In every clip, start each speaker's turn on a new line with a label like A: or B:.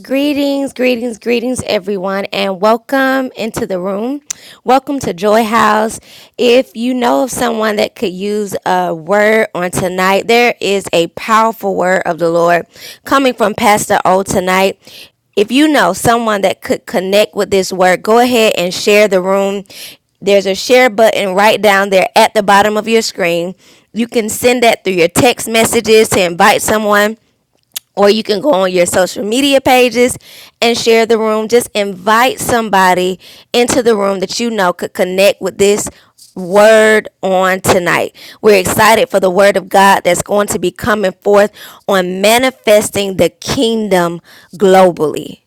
A: Greetings, greetings, greetings, everyone, and welcome into the room. Welcome to Joy House. If you know of someone that could use a word on tonight, there is a powerful word of the Lord coming from Pastor O tonight. If you know someone that could connect with this word, go ahead and share the room. There's a share button right down there at the bottom of your screen. You can send that through your text messages to invite someone or you can go on your social media pages and share the room. Just invite somebody into the room that you know could connect with this word on tonight. We're excited for the word of God that's going to be coming forth on manifesting the kingdom globally.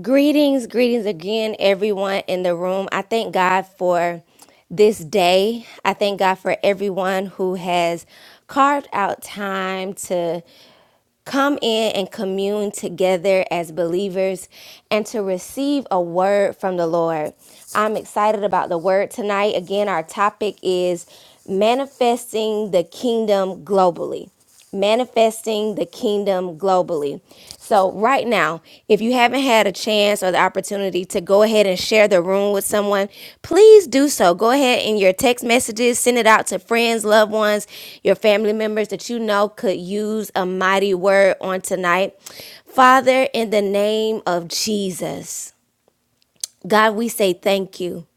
A: Greetings, greetings again, everyone in the room. I thank God for this day. I thank God for everyone who has carved out time to come in and commune together as believers and to receive a word from the Lord. I'm excited about the word tonight. Again, our topic is manifesting the kingdom globally. Manifesting the kingdom globally. So, right now, now, if you haven't had a chance or the opportunity to go ahead and share the room with someone, please do so. Go ahead in your text messages, send it out to friends, loved ones, your family members that you know could use a mighty word on tonight. Father, in the name of Jesus, God, we say thank you.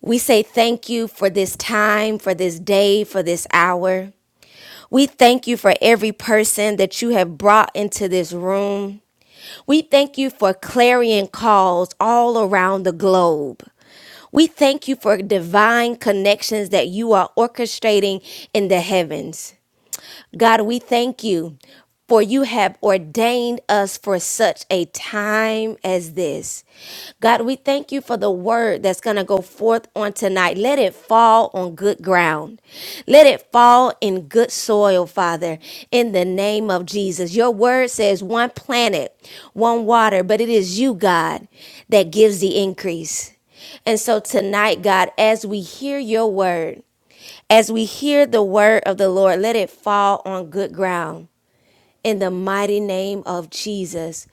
A: We say thank you for this time, for this day, for this hour. We thank you for every person that you have brought into this room. We thank you for clarion calls all around the globe. We thank you for divine connections that you are orchestrating in the heavens. God, we thank you for you have ordained us for such a time as this. God, we thank you for the word that's going to go forth on tonight. Let it fall on good ground. Let it fall in good soil, Father, in the name of Jesus. Your word says one planet, one water, but it is you, God, that gives the increase. And so tonight, God, as we hear your word, as we hear the word of the Lord, let it fall on good ground. In the mighty name of Jesus,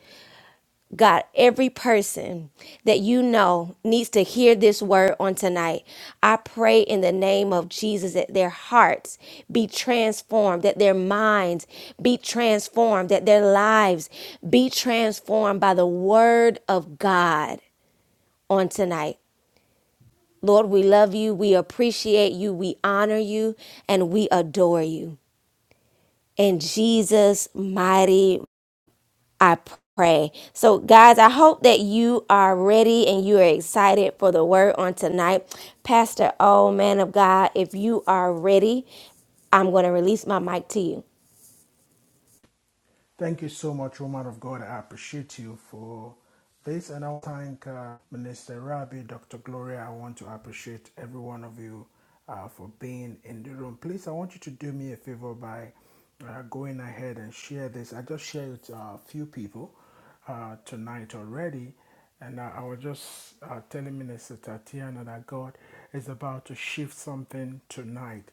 A: God, every person that you know needs to hear this word on tonight. I pray in the name of Jesus that their hearts be transformed, that their minds be transformed, that their lives be transformed by the word of God on tonight. Lord, we love you, we appreciate you, we honor you, and we adore you. In Jesus' mighty, I pray. So, guys, I hope that you are ready and you are excited for the word on tonight. Pastor, oh man of God, if you are ready, I'm going to release my mic to you.
B: Thank you so much, woman of God. I appreciate you for this. And I want to thank uh, Minister Rabi, Dr. Gloria. I want to appreciate every one of you uh, for being in the room. Please, I want you to do me a favor by uh, going ahead and share this. I just shared it to a few people uh, tonight already. And I, I was just uh, telling Minister Tatiana that God is about to shift something tonight.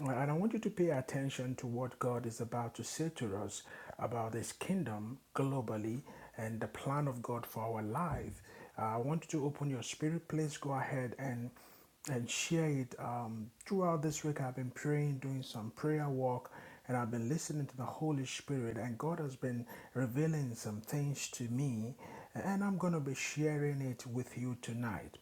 B: Well, And I want you to pay attention to what God is about to say to us about His kingdom globally and the plan of God for our life. Uh, I want you to open your spirit. Please go ahead and and share it. Um, throughout this week, I've been praying, doing some prayer work, and I've been listening to the Holy Spirit, and God has been revealing some things to me, and I'm going to be sharing it with you tonight.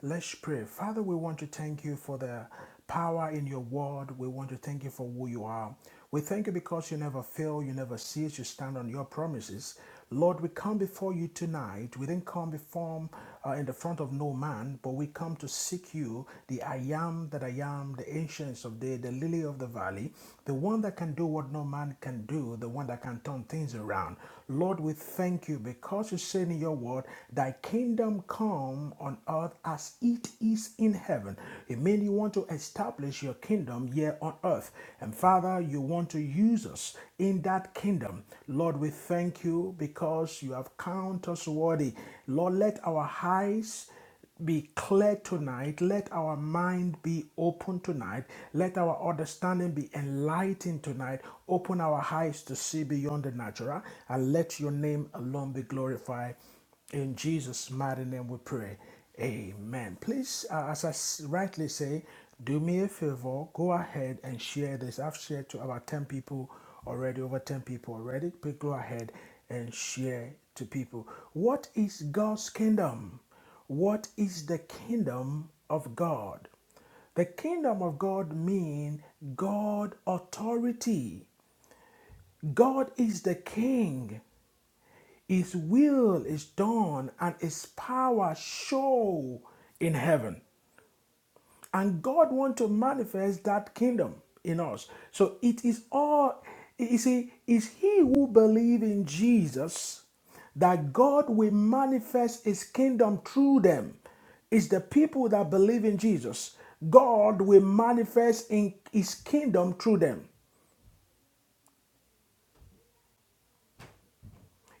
B: Let's pray. Father, we want to thank you for the power in your word. We want to thank you for who you are. We thank you because you never fail, you never cease, you stand on your promises. Lord, we come before you tonight. We didn't come before uh, in the front of no man, but we come to seek you, the I am that I am, the ancients of day, the lily of the valley the one that can do what no man can do, the one that can turn things around. Lord, we thank you because you said in your word, Thy kingdom come on earth as it is in heaven. It means you want to establish your kingdom here on earth. And Father, you want to use us in that kingdom. Lord, we thank you because you have counted us worthy. Lord, let our eyes be clear tonight. Let our mind be open tonight. Let our understanding be enlightened tonight. Open our eyes to see beyond the natural and let your name alone be glorified. In Jesus' mighty name we pray. Amen. Please, uh, as I s- rightly say, do me a favor, go ahead and share this. I've shared to about 10 people already, over 10 people already. Please go ahead and share to people. What is God's kingdom? What is the kingdom of God? The kingdom of God means God authority. God is the king. His will is done and his power show in heaven and god wants to manifest that kingdom in us so it is all you see it's he who believes in jesus that god will manifest his kingdom through them it's the people that believe in jesus god will manifest in his kingdom through them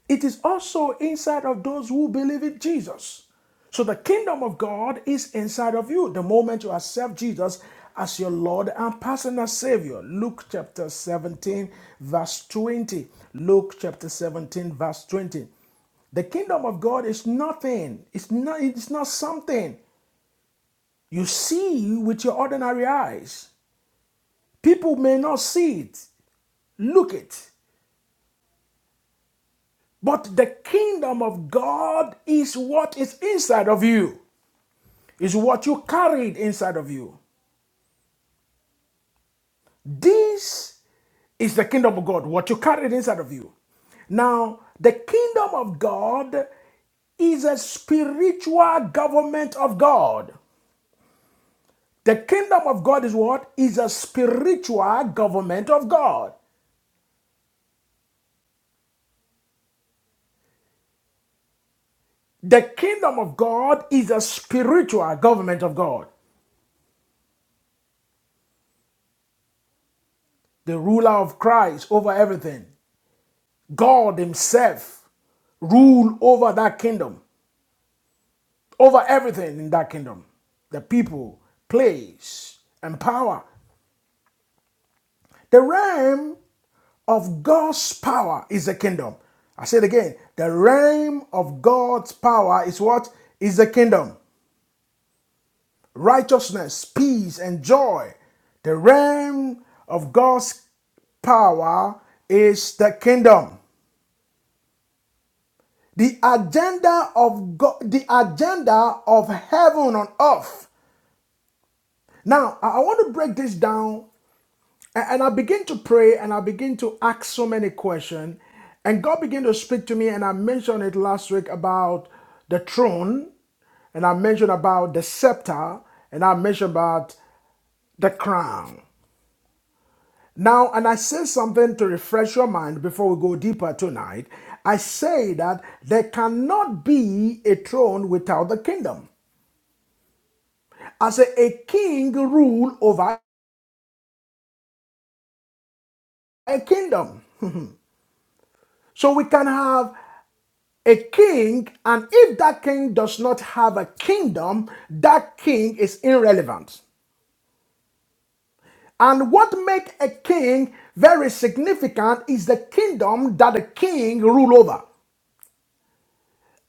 B: It is also inside of those who believe in Jesus. So the kingdom of God is inside of you the moment you accept Jesus as your Lord and personal Savior. Luke chapter 17, verse 20. Luke chapter 17, verse 20. The kingdom of God is nothing. It's not, it's not something you see with your ordinary eyes. People may not see it, look it. But the kingdom of God is what is inside of you. Is what you carried inside of you. This is the kingdom of God, what you carried inside of you. Now, the kingdom of God is a spiritual government of God. The kingdom of God is what? Is a spiritual government of God. The kingdom of God is a spiritual government of God. The ruler of Christ over everything. God Himself rule over that kingdom. over everything in that kingdom the people, place, and power. The realm of God's power is the kingdom. I said again, the realm of God's power is what? Is the kingdom. Righteousness, peace, and joy. The realm of God's power is the kingdom. The agenda of God, the agenda of heaven on earth. Now, I want to break this down And I begin to pray and I begin to ask so many questions. And God began to speak to me, and I mentioned it last week about the throne, and I mentioned about the scepter, and I mentioned about the crown. Now, and I say something to refresh your mind before we go deeper tonight. I say that there cannot be a throne without the kingdom. I say a king rule over a kingdom. So we can have a king, and if that king does not have a kingdom, that king is irrelevant. And what makes a king very significant is the kingdom that the king rule over.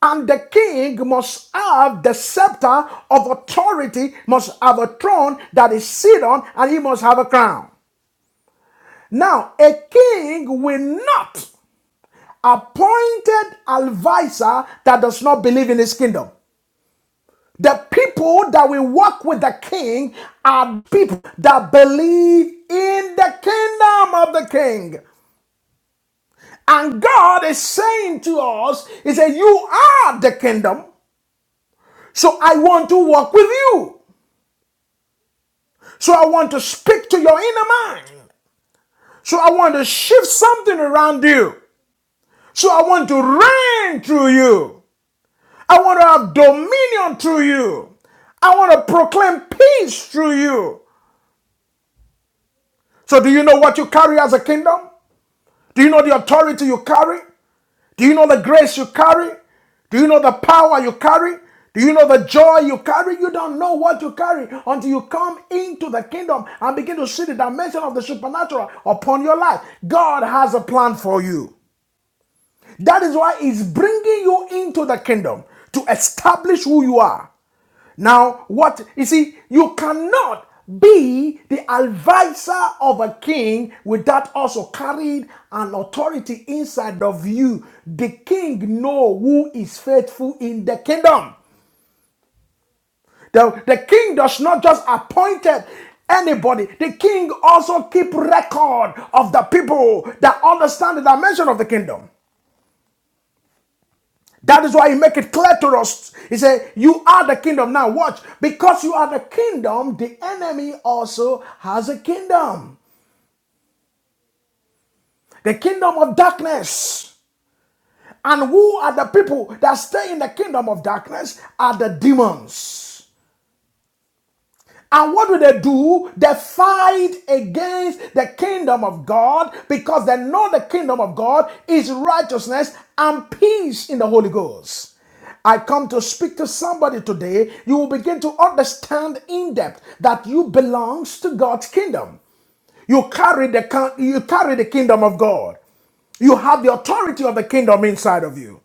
B: And the king must have the scepter of authority, must have a throne that is seated on, and he must have a crown. Now, a king will not appointed advisor that does not believe in his kingdom. The people that will walk with the king are people that believe in the kingdom of the king. And God is saying to us, He said, You are the kingdom. So I want to walk with you. So I want to speak to your inner mind. So I want to shift something around you. So I want to reign through you. I want to have dominion through you. I want to proclaim peace through you. So, do you know what you carry as a kingdom? Do you know the authority you carry? Do you know the grace you carry? Do you know the power you carry? Do you know the joy you carry? You don't know what you carry until you come into the kingdom and begin to see the dimension of the supernatural upon your life. God has a plan for you. That is why he's bringing you into the kingdom to establish who you are. Now, what you see, you cannot be the advisor of a king without also carrying an authority inside of you. The king know who is faithful in the kingdom. The, the king does not just appointed anybody. The king also keep record of the people that understand the dimension of the kingdom. That is why he make it clear to us. He said, You are the kingdom. Now watch. Because you are the kingdom, the enemy also has a kingdom. The kingdom of darkness. And who are the people that stay in the kingdom of darkness? Are the demons. And what do they do? They fight against the kingdom of God because they know the kingdom of God is righteousness and peace in the Holy Ghost. I come to speak to somebody today. You will begin to understand in depth that you belongs to God's kingdom. You carry the you carry the kingdom of God. You have the authority of the kingdom inside of you.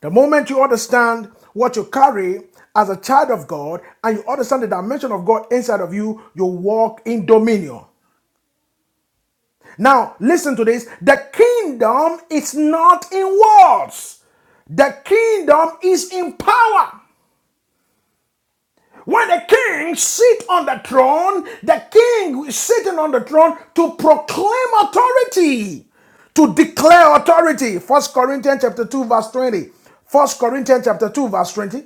B: The moment you understand what you carry as a child of God and you understand the dimension of God inside of you, you walk in dominion. Now, listen to this the kingdom is not in words, the kingdom is in power. When the king sit on the throne, the king is sitting on the throne to proclaim authority to declare authority. First Corinthians chapter 2, verse 20. First Corinthians chapter 2, verse 20.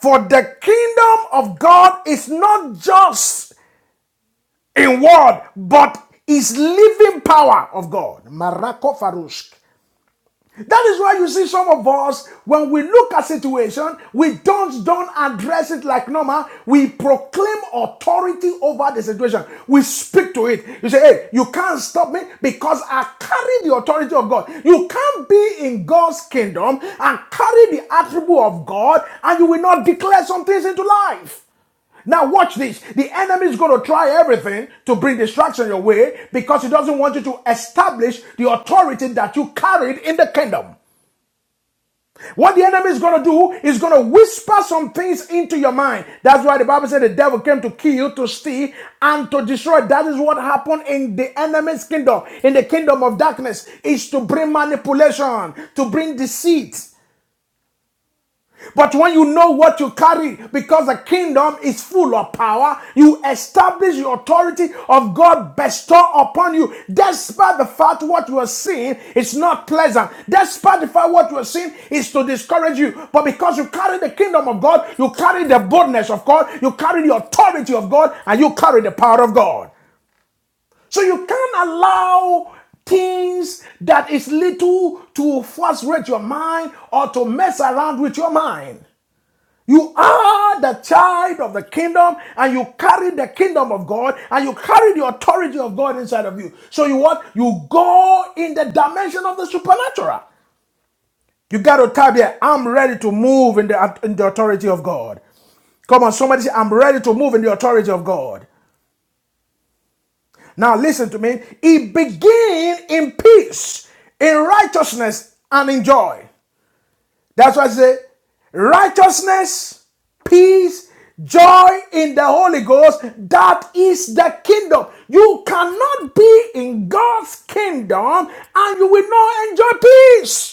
B: For the kingdom of God is not just in word, but is living power of God. Marako Farush. That is why you see some of us, when we look at situation, we don't don't address it like normal. We proclaim authority over the situation. We speak to it. You say, "Hey, you can't stop me because I carry the authority of God." You can't be in God's kingdom and carry the attribute of God, and you will not declare some things into life. Now watch this. The enemy is going to try everything to bring distraction your way because he doesn't want you to establish the authority that you carried in the kingdom. What the enemy is going to do is going to whisper some things into your mind. That's why the Bible said the devil came to kill, to steal, and to destroy. That is what happened in the enemy's kingdom, in the kingdom of darkness, is to bring manipulation, to bring deceit. But when you know what you carry, because the kingdom is full of power, you establish the authority of God bestow upon you. Despite the fact what you are seeing is not pleasant, despite the fact what you are seeing is to discourage you, but because you carry the kingdom of God, you carry the boldness of God, you carry the authority of God, and you carry the power of God. So you can't allow things that is little to frustrate your mind or to mess around with your mind. You are the child of the kingdom and you carry the kingdom of God and you carry the authority of God inside of you. So you what? You go in the dimension of the supernatural. You got to type here, I'm ready to move in the, in the authority of God. Come on, somebody say, I'm ready to move in the authority of God. Now listen to me. It begin in peace, in righteousness, and in joy. That's why I say righteousness, peace, joy in the Holy Ghost. That is the kingdom. You cannot be in God's kingdom and you will not enjoy peace.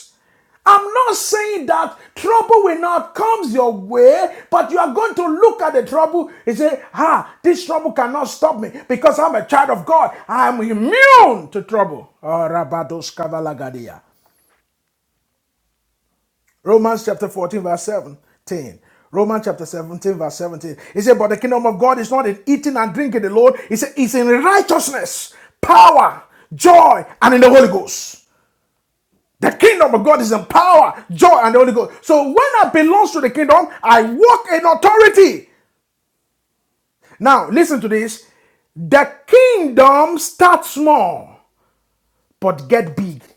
B: I'm not saying that trouble will not come your way, but you are going to look at the trouble and say, Ah, this trouble cannot stop me because I'm a child of God. I'm immune to trouble. Oh, Romans chapter 14, verse 17. Romans chapter 17, verse 17. He said, But the kingdom of God is not in eating and drinking alone. He said, It's in righteousness, power, joy, and in the Holy Ghost. The kingdom of God is in power, joy, and the Holy Ghost. So when I belong to the kingdom, I walk in authority. Now, listen to this. The kingdom starts small, but get big.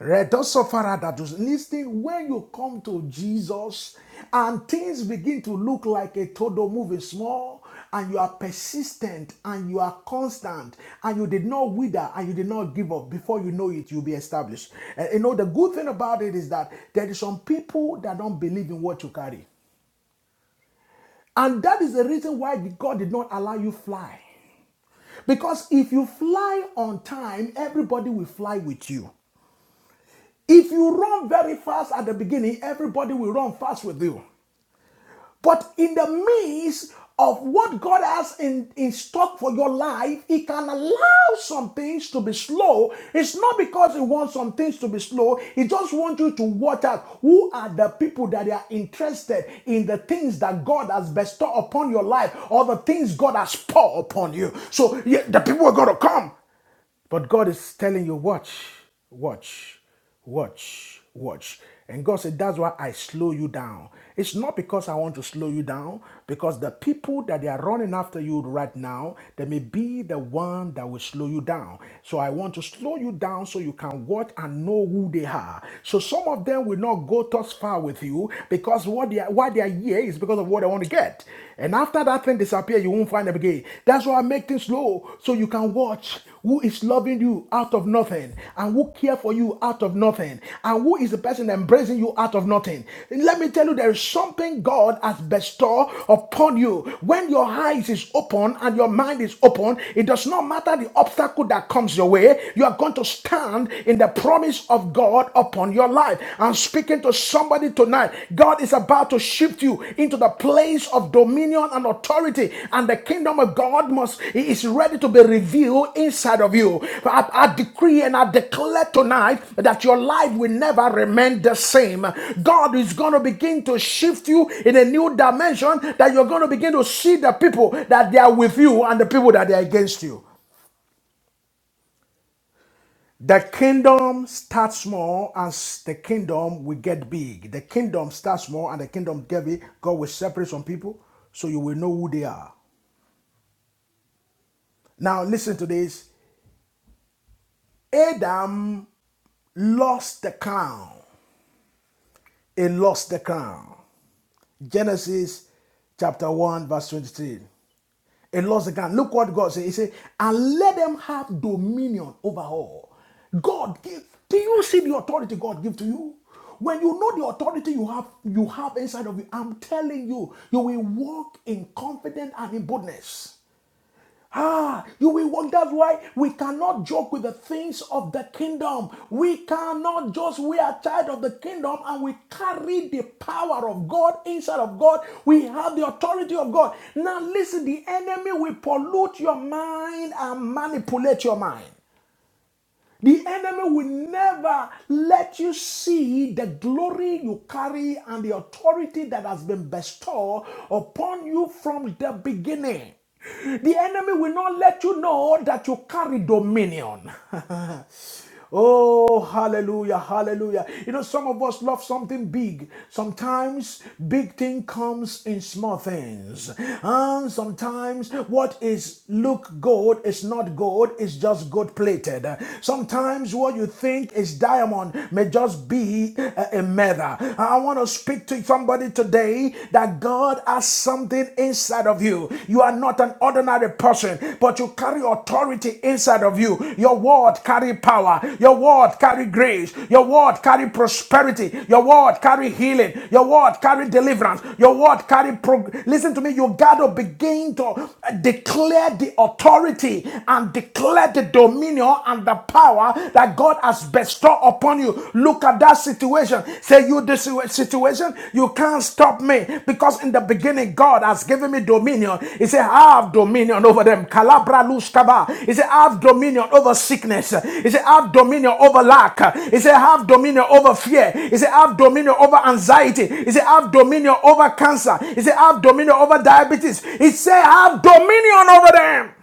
B: Redo sufferer that was listening, when you come to Jesus and things begin to look like a todo moving small, and you are persistent and you are constant and you did not wither and you did not give up, before you know it, you'll be established. And you know, the good thing about it is that there is some people that don't believe in what you carry. And that is the reason why God did not allow you fly. Because if you fly on time, everybody will fly with you. If you run very fast at the beginning, everybody will run fast with you. But in the midst of what God has in, in stock for your life, He can allow some things to be slow. It's not because He wants some things to be slow, He just wants you to watch out who are the people that are interested in the things that God has bestowed upon your life or the things God has poured upon you. So yeah, the people are going to come. But God is telling you, watch, watch, watch, watch. And God said, that's why I slow you down. It's not because I want to slow you down, because the people that they are running after you right now, they may be the one that will slow you down. So I want to slow you down so you can watch and know who they are. So some of them will not go thus far with you because what they are, why they are here is because of what they want to get. And after that thing disappear, you won't find them again. That's why I make things slow so you can watch who is loving you out of nothing and who care for you out of nothing and who is the person embracing you out of nothing. Let me tell you, there is something God has bestowed upon you. When your eyes is open and your mind is open, it does not matter the obstacle that comes your way. You are going to stand in the promise of God upon your life. I'm speaking to somebody tonight. God is about to shift you into the place of dominion and authority, and the kingdom of God must is ready to be revealed inside of you. I, I decree and I declare tonight that your life will never remain the same. God is going to begin to shift you in a new dimension that you're going to begin to see the people that they are with you and the people that they are against you. The kingdom starts small and s- the kingdom will get big. The kingdom starts small and the kingdom get big. God will separate some people so you will know who they are. Now, listen to this Adam lost the crown. He lost the crown. Genesis chapter 1, verse 23. And lost the ground. Look what God said. He said, and let them have dominion over all. God give. Do you see the authority God give to you? When you know the authority you have, you have inside of you, I'm telling you, you will walk in confidence and in boldness. Ah, you will walk. That's why we cannot joke with the things of the kingdom. We cannot just, we are child of the kingdom and we carry the power of God inside of God. We have the authority of God. Now, listen, the enemy will pollute your mind and manipulate your mind. The enemy will never let you see the glory you carry and the authority that has been bestowed upon you from the beginning. The enemy will not let you know that you carry dominion. Oh, hallelujah, hallelujah. You know, some of us love something big. Sometimes big thing comes in small things. And sometimes what is look gold is not gold, it's just gold plated. Sometimes what you think is diamond may just be a, a metal. I want to speak to somebody today that God has something inside of of you. You are not an ordinary person, but you carry authority inside of you. Your word carry power. Your word carry grace. Your word carry prosperity. Your word carry healing. Your word carry deliverance. Your word carry prog- listen to me. You gotta begin to uh, declare the authority and declare the dominion and the power that God has bestowed upon you. Look at that situation. Say, you, this situation, you can't stop me because in the beginning, God has given me dominion. He said, I have dominion over them. Calabra luz kaba. He said, I have dominion over sickness. He said, I have dominion over lack. He said, I have dominion over fear. He said, I have dominion over anxiety. He said, I have dominion over cancer. He said, I have dominion over diabetes. He said, I have dominion over them.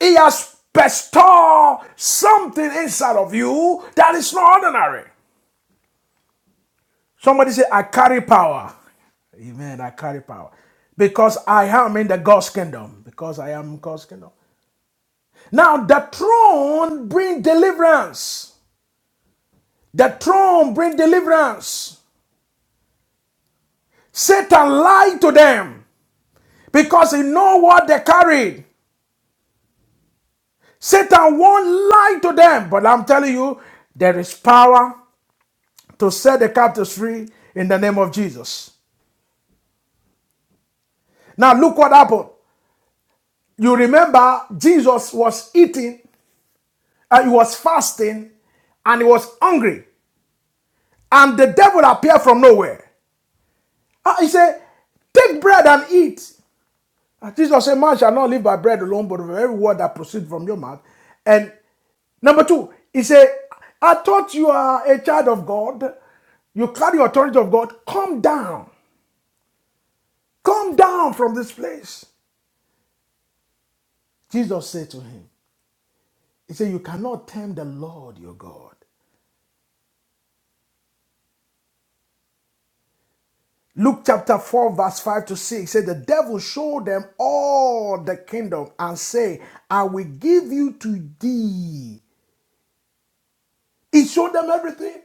B: He has bestowed something inside of you that is not ordinary. Somebody say, I carry power. Amen. I carry power. Because I am in the God's kingdom. Because I am in God's kingdom. Now the throne bring deliverance. The throne bring deliverance. Satan lied to them because he know what they carried. Satan won't lie to them. But I'm telling you, there is power to set the captives free in the name of Jesus. Now look what happened. You remember Jesus was eating and he was fasting and he was hungry. And the devil appeared from nowhere. Ah, he said, Take bread and eat. And Jesus said, Man shall not live by bread alone, but by every word that proceeds from your mouth. And number two, he said, I thought you are a child of God. You carry the authority of God. Come down. Come down from this place. Jesus said to him, He said, You cannot tempt the Lord your God. Luke chapter 4, verse 5 to 6 said, The devil showed them all the kingdom and say, I will give you to thee. He showed them everything.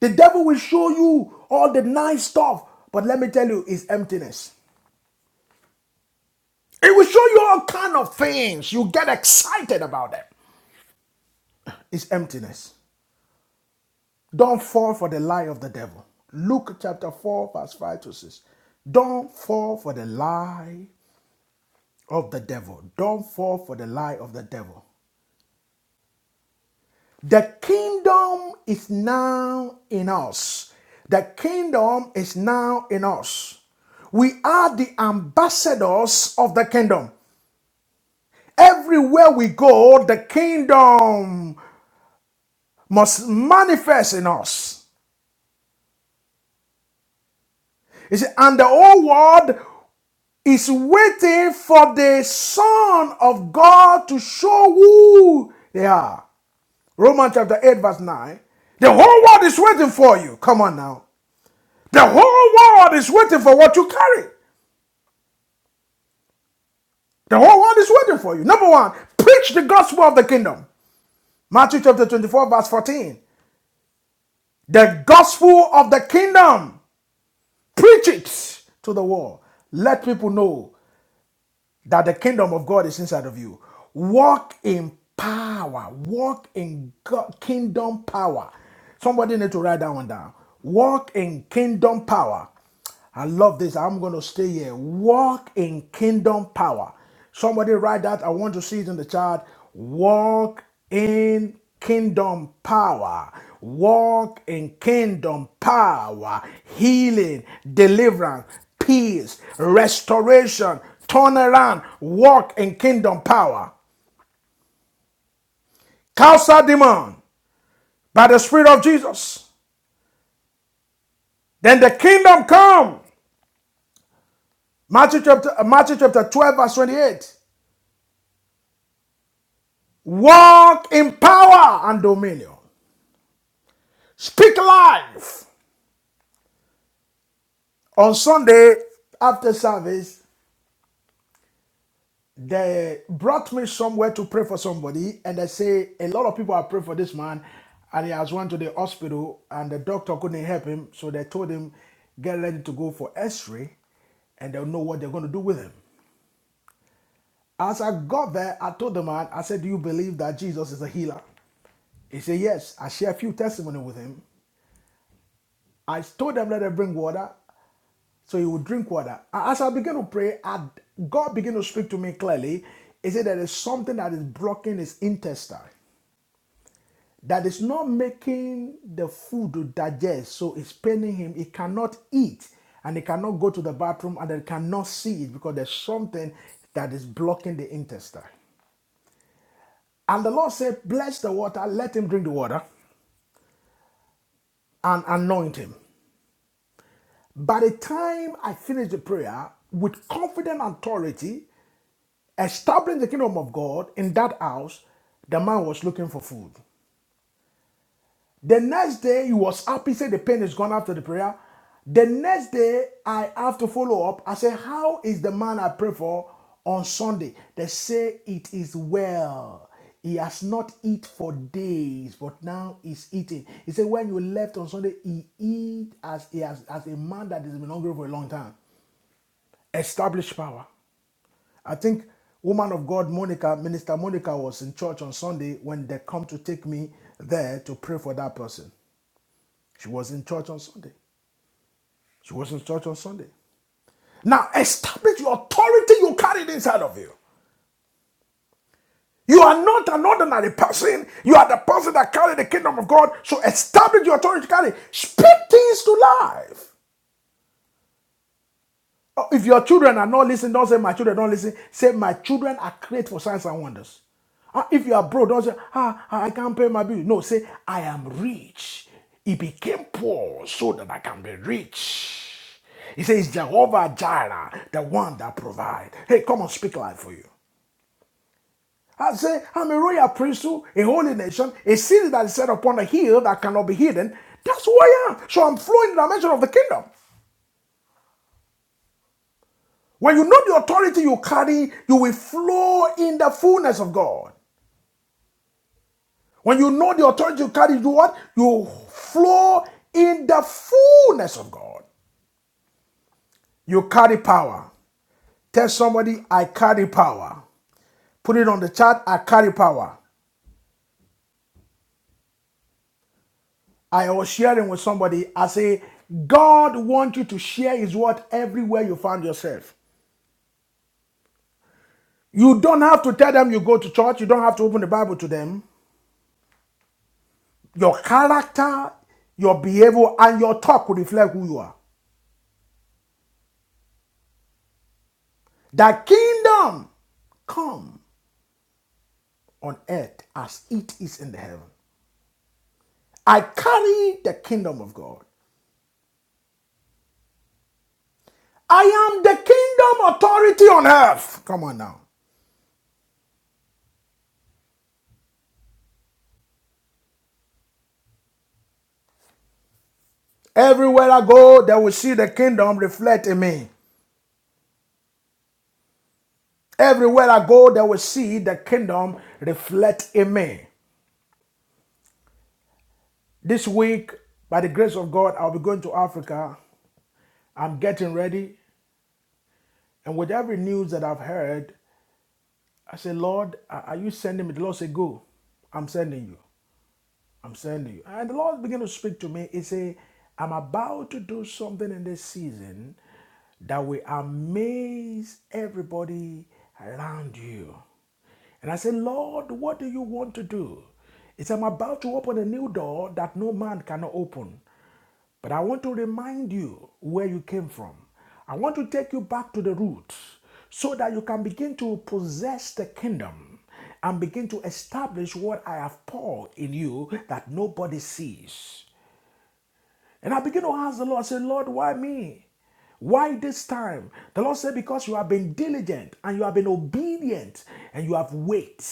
B: The devil will show you all the nice stuff, but let me tell you, it's emptiness. It will show you all kind of things. You get excited about them. It's emptiness. Don't fall for the lie of the devil. Luke chapter 4, verse 5 to 6. Don't fall for the lie of the devil. Don't fall for the lie of the devil. The kingdom is now in us. The kingdom is now in us. We are the ambassadors of the kingdom. Everywhere we go, the kingdom must manifest in us. You see, and the whole world is waiting for the Son of God to show who they are. Romans chapter 8, verse 9. The whole world is waiting for you. Come on now. The whole world is waiting for what you carry. The whole world is waiting for you. Number one, preach the gospel of the kingdom. Matthew chapter 24, verse 14. The gospel of the kingdom. Preach it to the world. Let people know that the kingdom of God is inside of you. Walk in power. Walk in God, kingdom power. Somebody need to write that one down. Walk in kingdom power. I love this. I'm going to stay here. Walk in kingdom power. Somebody write that. I want to see it in the chat. Walk in kingdom power. Walk in kingdom power. Healing, deliverance, peace, restoration, turnaround. Walk in kingdom power. Cast out demon by the Spirit of Jesus. Then the kingdom come. Matthew chapter, uh, Matthew chapter 12, verse 28. Walk in power and dominion. Speak life. On Sunday after service, they brought me somewhere to pray for somebody, and they say a lot of people have prayed for this man, and he has went to the hospital, and the doctor couldn't help him, so they told him get ready to go for X-ray, and they'll know what they're going to do with him. As I got there, I told the man, I said, "Do you believe that Jesus is a healer?" He said, "Yes." I shared a few testimony with him. I told them let them bring water. So he would drink water. As I began to pray, I- God began to speak to me clearly. He said there is something that is blocking his intestine that is not making the food to digest, so it's paining him. He cannot eat and he cannot go to the bathroom and he cannot see it because there's something that is blocking the intestine. And the Lord said, Bless the water, let him drink the water and anoint him. By the time I finished the prayer, with confident authority, establishing the kingdom of God in that house, the man was looking for food. The next day, he was happy, said the pain is gone after the prayer. The next day, I have to follow up. I said, How is the man I pray for on Sunday? They say it is well. He has not eat for days, but now he's eating. He said, When you left on Sunday, he eat as as as a man that has been hungry for a long time. Establish power. I think woman of God Monica, Minister Monica was in church on Sunday when they come to take me there to pray for that person. She was in church on Sunday. She was in church on Sunday. Now establish your authority you carried inside of you. You are not an ordinary person. You are the person that carried the kingdom of God. So establish your authority to carry. Speak things to life. Oh, If your children are not listening, don't say my children don't listen. Say my children are created for signs and wonders. Ah, If you are broke, don't say ah ah, I can't pay my bill. No, say I am rich. He became poor so that I can be rich. He says Jehovah Jireh, the one that provides. Hey, come on, speak life for you. I say, I'm a royal priesthood, a holy nation, a city that is set upon a hill that cannot be hidden. That's who I am. So I'm flowing in the dimension of the kingdom. When you know the authority you carry, you will flow in the fullness of God. When you know the authority you carry, you do what? You flow in the fullness of God. You carry power. Tell somebody, I carry power. Put it on the chat, I carry power. I was sharing with somebody, I say, God wants you to share his word everywhere you find yourself. You don't have to tell them you go to church. You don't have to open the Bible to them. Your character, your behavior, and your talk will reflect who you are. The kingdom come on earth as it is in the heaven. I carry the kingdom of God. I am the kingdom authority on earth. Come on now. Everywhere I go, they will see the kingdom reflect in me. Everywhere I go, they will see the kingdom reflect in me. This week, by the grace of God, I'll be going to Africa. I'm getting ready. And with every news that I've heard, I said, Lord, are you sending me? The Lord said, Go. I'm sending you. I'm sending you. And the Lord began to speak to me. He said, I'm about to do something in this season that will amaze everybody around you. And I said, Lord, what do you want to do? He It's I'm about to open a new door that no man cannot open. But I want to remind you where you came from. I want to take you back to the root so that you can begin to possess the kingdom and begin to establish what I have poured in you that nobody sees. And I begin to ask the Lord, I say, Lord, why me? Why this time? The Lord said, Because you have been diligent and you have been obedient and you have waited.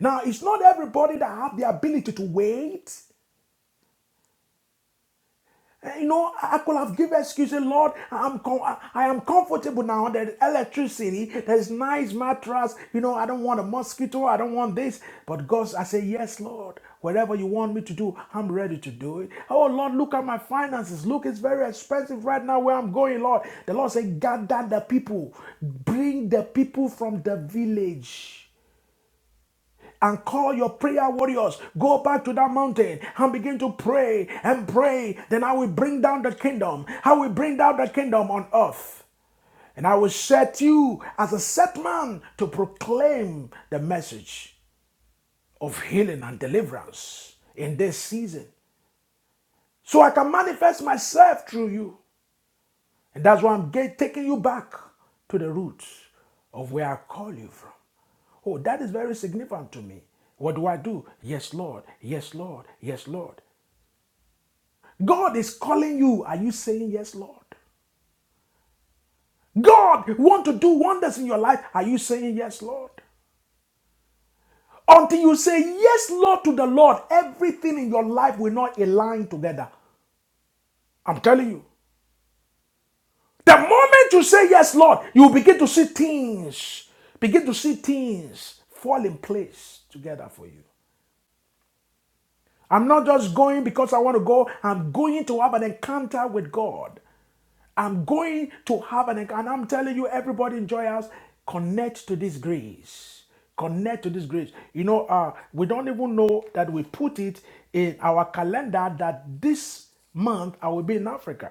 B: Now, it's not everybody that have the ability to wait. Eh, You know, I could have given excuses, Lord, I'm com- I I am comfortable now. There's electricity, there's nice mattress. You know, I don't want a mosquito, I don't want this. But God, I say, yes, Lord, whatever you want me to do, I'm ready to do it. Oh, Lord, look at my finances. Look, it's very expensive right now where I'm going, Lord. The Lord said, gather the people, bring the people from the village and call your prayer warriors. Go back to that mountain and begin to pray and pray. Then I will bring down the kingdom. I will bring down the kingdom on earth. And I will set you as a set man to proclaim the message of healing and deliverance in this season. So I can manifest myself through you. And that's why I'm get, taking you back to the roots of where I call you from. Oh, that is very significant to me. What do I do? Yes, Lord. Yes, Lord. Yes, Lord. God is calling you. Are you saying yes, Lord? God want to do wonders in your life. Are you saying yes, Lord? Until you say yes, Lord, to the Lord, everything in your life will not align together. I'm telling you. The moment you say yes, Lord, you begin to see things, begin to see things fall in place together for you. I'm not just going because I want to go. I'm going to have an encounter with God. I'm going to have an encounter. And I'm telling you, everybody in Joy House, connect to this grace. Connect to this grace. You know, uh, we don't even know that we put it in our calendar that this month I will be in Africa.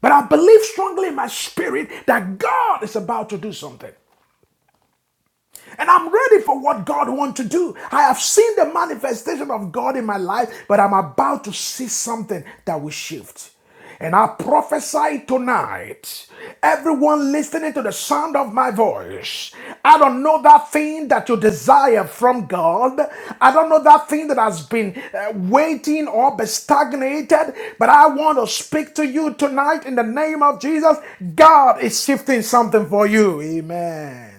B: But I believe strongly in my spirit that God is about to do something. And I'm ready for what God wants to do. I have seen the manifestation of God in my life, but I'm about to see something that will shift. And I prophesy tonight, everyone listening to the sound of my voice, I don't know that thing that you desire from God. I don't know that thing that has been uh, waiting or been stagnated, but I want to speak to you tonight in the name of Jesus. God is shifting something for you. Amen.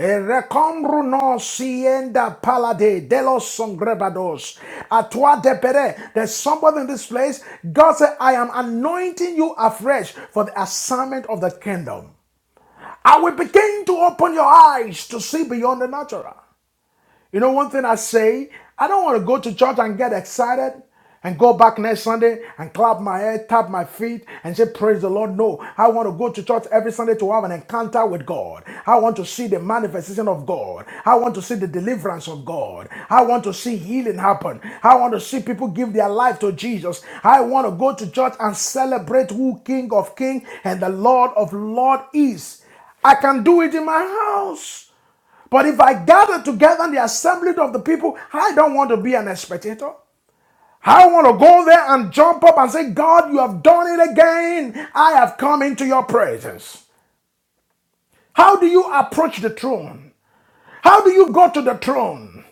B: Recombruno sienda palade de delos songrebados. Atua depere. There's somebody in this place. God said, I am anointing you afresh for the assignment of the kingdom. I will begin to open your eyes to see beyond the natural. You know, one thing I say, I don't want to go to church and get excited and go back next Sunday and clap my head, tap my feet, and say, Praise the Lord. No, I want to go to church every Sunday to have an encounter with God. I want to see the manifestation of God. I want to see the deliverance of God. I want to see healing happen. I want to see people give their life to Jesus. I want to go to church and celebrate who King of King and the Lord of Lord is. I can do it in my house. But if I gather together in the assembly of the people, I don't want to be an spectator. I want to go there and jump up and say, God, you have done it again. I have come into your presence. How do you approach the throne? How do you go to the throne?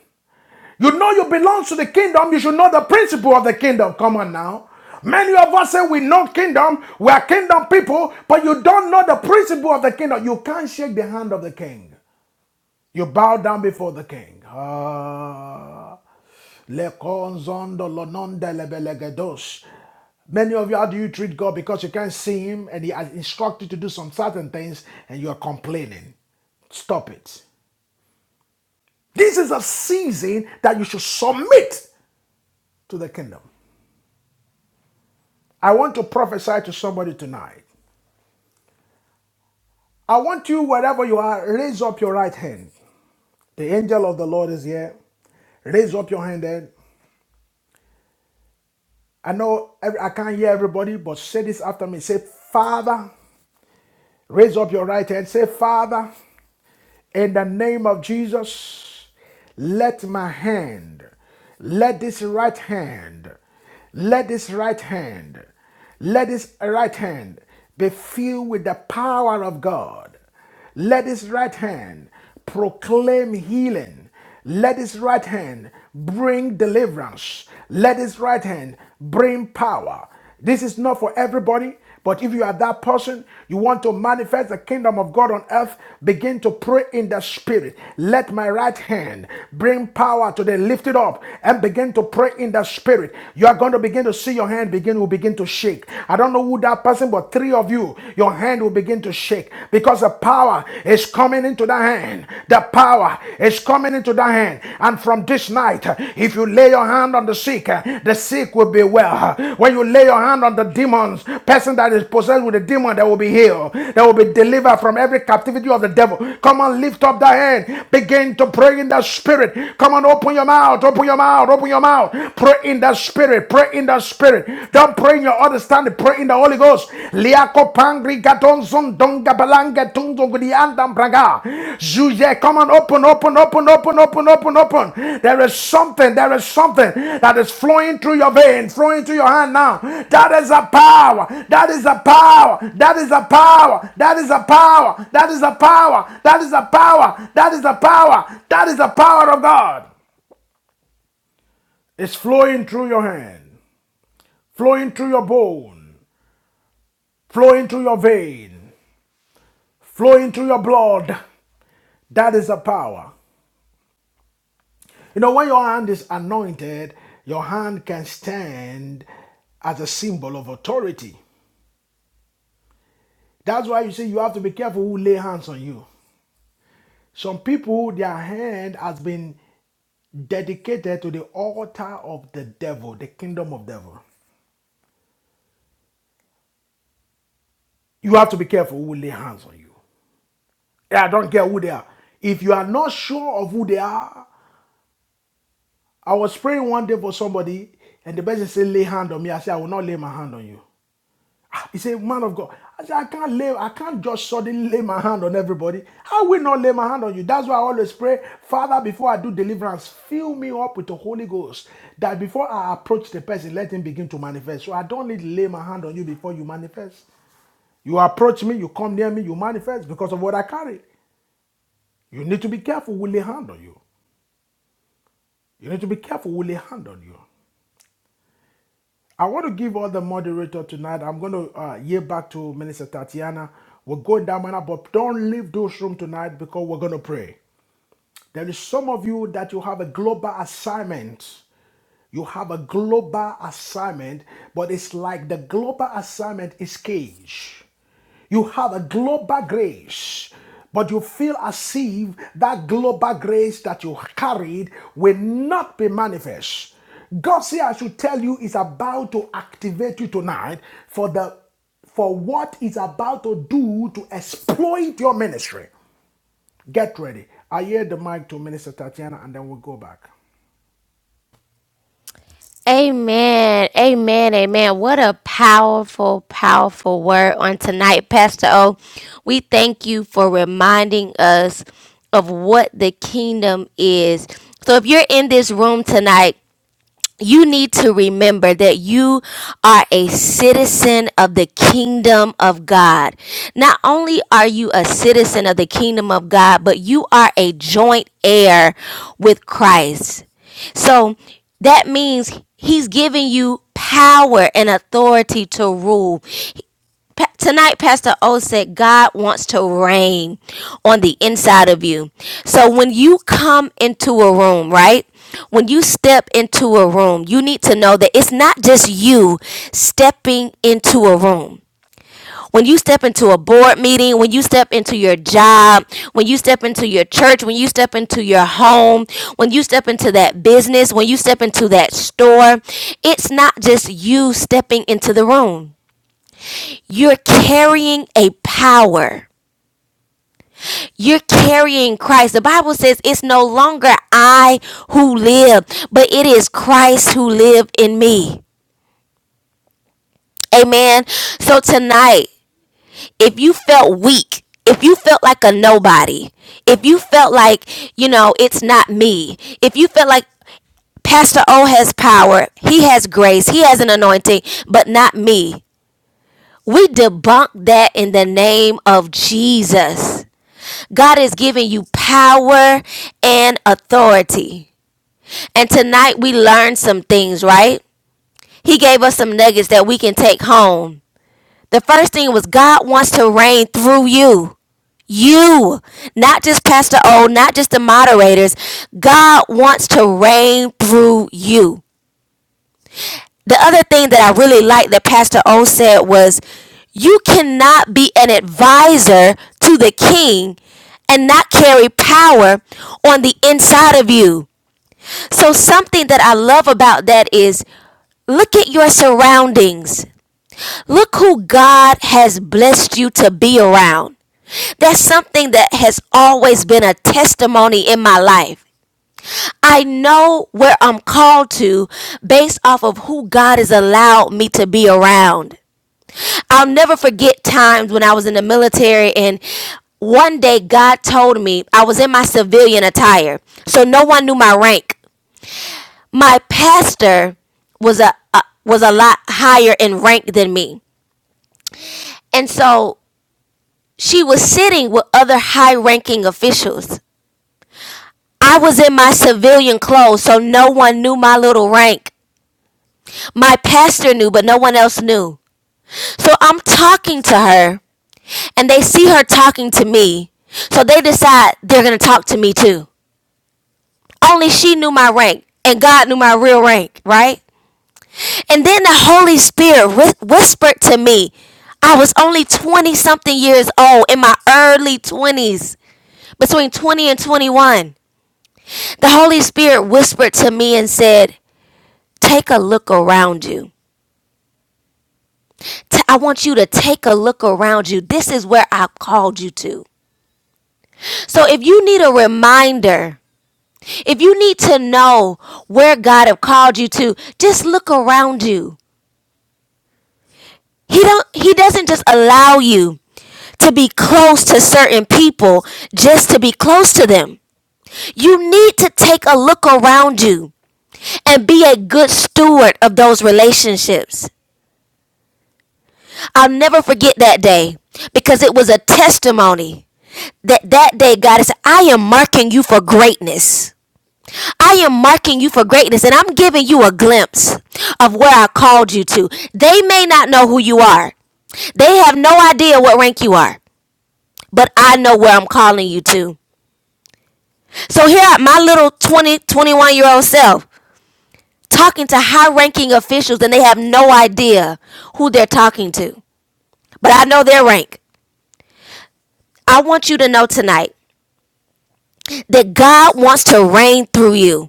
B: You know you belong to the kingdom. You should know the principle of the kingdom. Come on now. Many of us say we know kingdom, we are kingdom people, but you don't know the principle of the kingdom. You can't shake the hand of the king. You bow down before the king. Ah. Many of you, how do you treat God? Because you can't see Him and He has instructed you to do some certain things and you are complaining. Stop it. This is a season that you should submit to the kingdom. I want to prophesy to somebody tonight. I want you, wherever you are, raise up your right hand. The angel of the Lord is here. Raise up your hand then. I know every, I can't hear everybody, but say this after me. Say, Father, raise up your right hand. Say, Father, in the name of Jesus, let my hand, let this right hand, let this right hand, let this right hand be filled with the power of God. Let this right hand proclaim healing. Let his right hand bring deliverance. Let his right hand bring power. This is not for everybody, but if you are that person, you want to manifest the kingdom of God on earth, begin to pray in the spirit. Let my right hand bring power today. lift it up and begin to pray in the spirit. You are going to begin to see your hand begin will begin to shake. I don't know who that person, but three of you, your hand will begin to shake sick because the power is coming into that hand. The power is coming into that hand. And from this night, if you lay your hand on the sick, the sick will be well. When you lay your hand on the demons, person that is possessed with a demon, that will be healed. That will be delivered from every captivity of the devil. Come on, lift up that hand. Begin to pray in the spirit. Come on, open your mouth, open your mouth, open your mouth. Pray in the spirit, pray in the spirit. Don't pray in your understanding. Pray in the Holy Ghost. Liako pangri gatonzon donga balanga tunzo gudiandam braga. Zuje, come on, open, open, open, open, open, open, open. There is something, there is something that is flowing through your vein, flowing through your hand now. That is a power. That is a power. That is a power. That is a power. That is a power. That is a power. That is a power. That is the power of God. It's flowing through your hand, flowing through your bone flow into your vein, flow into your blood. That is the power. You know, when your hand is anointed, your hand can stand as a symbol of authority. That's why you see you have to be careful who lay hands on you. Some people, their hand has been dedicated to the altar of the devil, the kingdom of devil. You have to be careful who lay hands on you. Yeah, I don't care who they are. If you are not sure of who they are, I was praying one day for somebody, and the person said, "Lay hand on me." I said, "I will not lay my hand on you." Ah, He said, "Man of God," I said, "I can't lay. I can't just suddenly lay my hand on everybody. I will not lay my hand on you." That's why I always pray, Father, before I do deliverance, fill me up with the Holy Ghost, that before I approach the person, let him begin to manifest. So I don't need to lay my hand on you before you manifest. You approach me, you come near me, you manifest because of what I carry. You need to be careful. Will lay hand on you? You need to be careful. Will lay hand on you? I want to give all the moderator tonight. I'm going to uh, yield back to Minister Tatiana. We're going down, manner, but don't leave those room tonight because we're going to pray. There is some of you that you have a global assignment. You have a global assignment, but it's like the global assignment is cage. You have a global grace, but you feel as if that global grace that you carried will not be manifest. God says, I should tell you, is about to activate you tonight for the for what is about to do to exploit your ministry. Get ready. I hear the mic to Minister Tatiana and then we'll go back.
A: Amen. Amen. Amen. What a powerful, powerful word on tonight, Pastor O. We thank you for reminding us of what the kingdom is. So if you're in this room tonight, you need to remember that you are a citizen of the kingdom of God. Not only are you a citizen of the kingdom of God, but you are a joint heir with Christ. So that means he's giving you power and authority to rule. Pa- Tonight, Pastor O said, God wants to reign on the inside of you. So when you come into a room, right? When you step into a room, you need to know that it's not just you stepping into a room. When you step into a board meeting, when you step into your job, when you step into your church, when you step into your home, when you step into that business, when you step into that store, it's not just you stepping into the room. You're carrying a power. You're carrying Christ. The Bible says it's no longer I who live, but it is Christ who lives in me. Amen. So tonight, if you felt weak, if you felt like a nobody, if you felt like, you know, it's not me, if you felt like Pastor O has power, he has grace, he has an anointing, but not me. We debunk that in the name of Jesus. God is giving you power and authority. And tonight we learned some things, right? He gave us some nuggets that we can take home. The first thing was God wants to reign through you. You, not just Pastor O, not just the moderators. God wants to reign through you. the other thing that I really liked that Pastor O said was you cannot be an advisor to the king and not carry power on the inside of you. So something that I love about that is look at your surroundings. Look who God has blessed you to be around. That's something that has always been a testimony in my life. I know where I'm called to based off of who God has allowed me to be around. I'll never forget times when I was in the military and one day God told me I was in my civilian attire. So no one knew my rank. My pastor was a, a was a lot higher in rank than me. And so she was sitting with other high-ranking officials. I was in my civilian clothes, so no one knew my little rank. My pastor knew, but no one else knew. So I'm talking to her, and they see her talking to me. So they decide they're going to talk to me too. Only she knew my rank, and God knew my real rank, right? And then the Holy Spirit whis- whispered to me. I was only 20 something years old in my early 20s, between 20 and 21. The Holy Spirit whispered to me and said, Take a look around you. T- I want you to take a look around you. This is where i called you to. So if you need a reminder, if you need to know where God have called you to, just look around you. He don't he doesn't just allow you to be close to certain people just to be close to them. You need to take a look around you and be a good steward of those relationships. I'll never forget that day because it was a testimony that that day god is i am marking you for greatness i am marking you for greatness and i'm giving you a glimpse of where i called you to they may not know who you are they have no idea what rank you are but i know where i'm calling you to so here at my little 20 21 year old self talking to high ranking officials and they have no idea who they're talking to but i know their rank i want you to know tonight that god wants to reign through you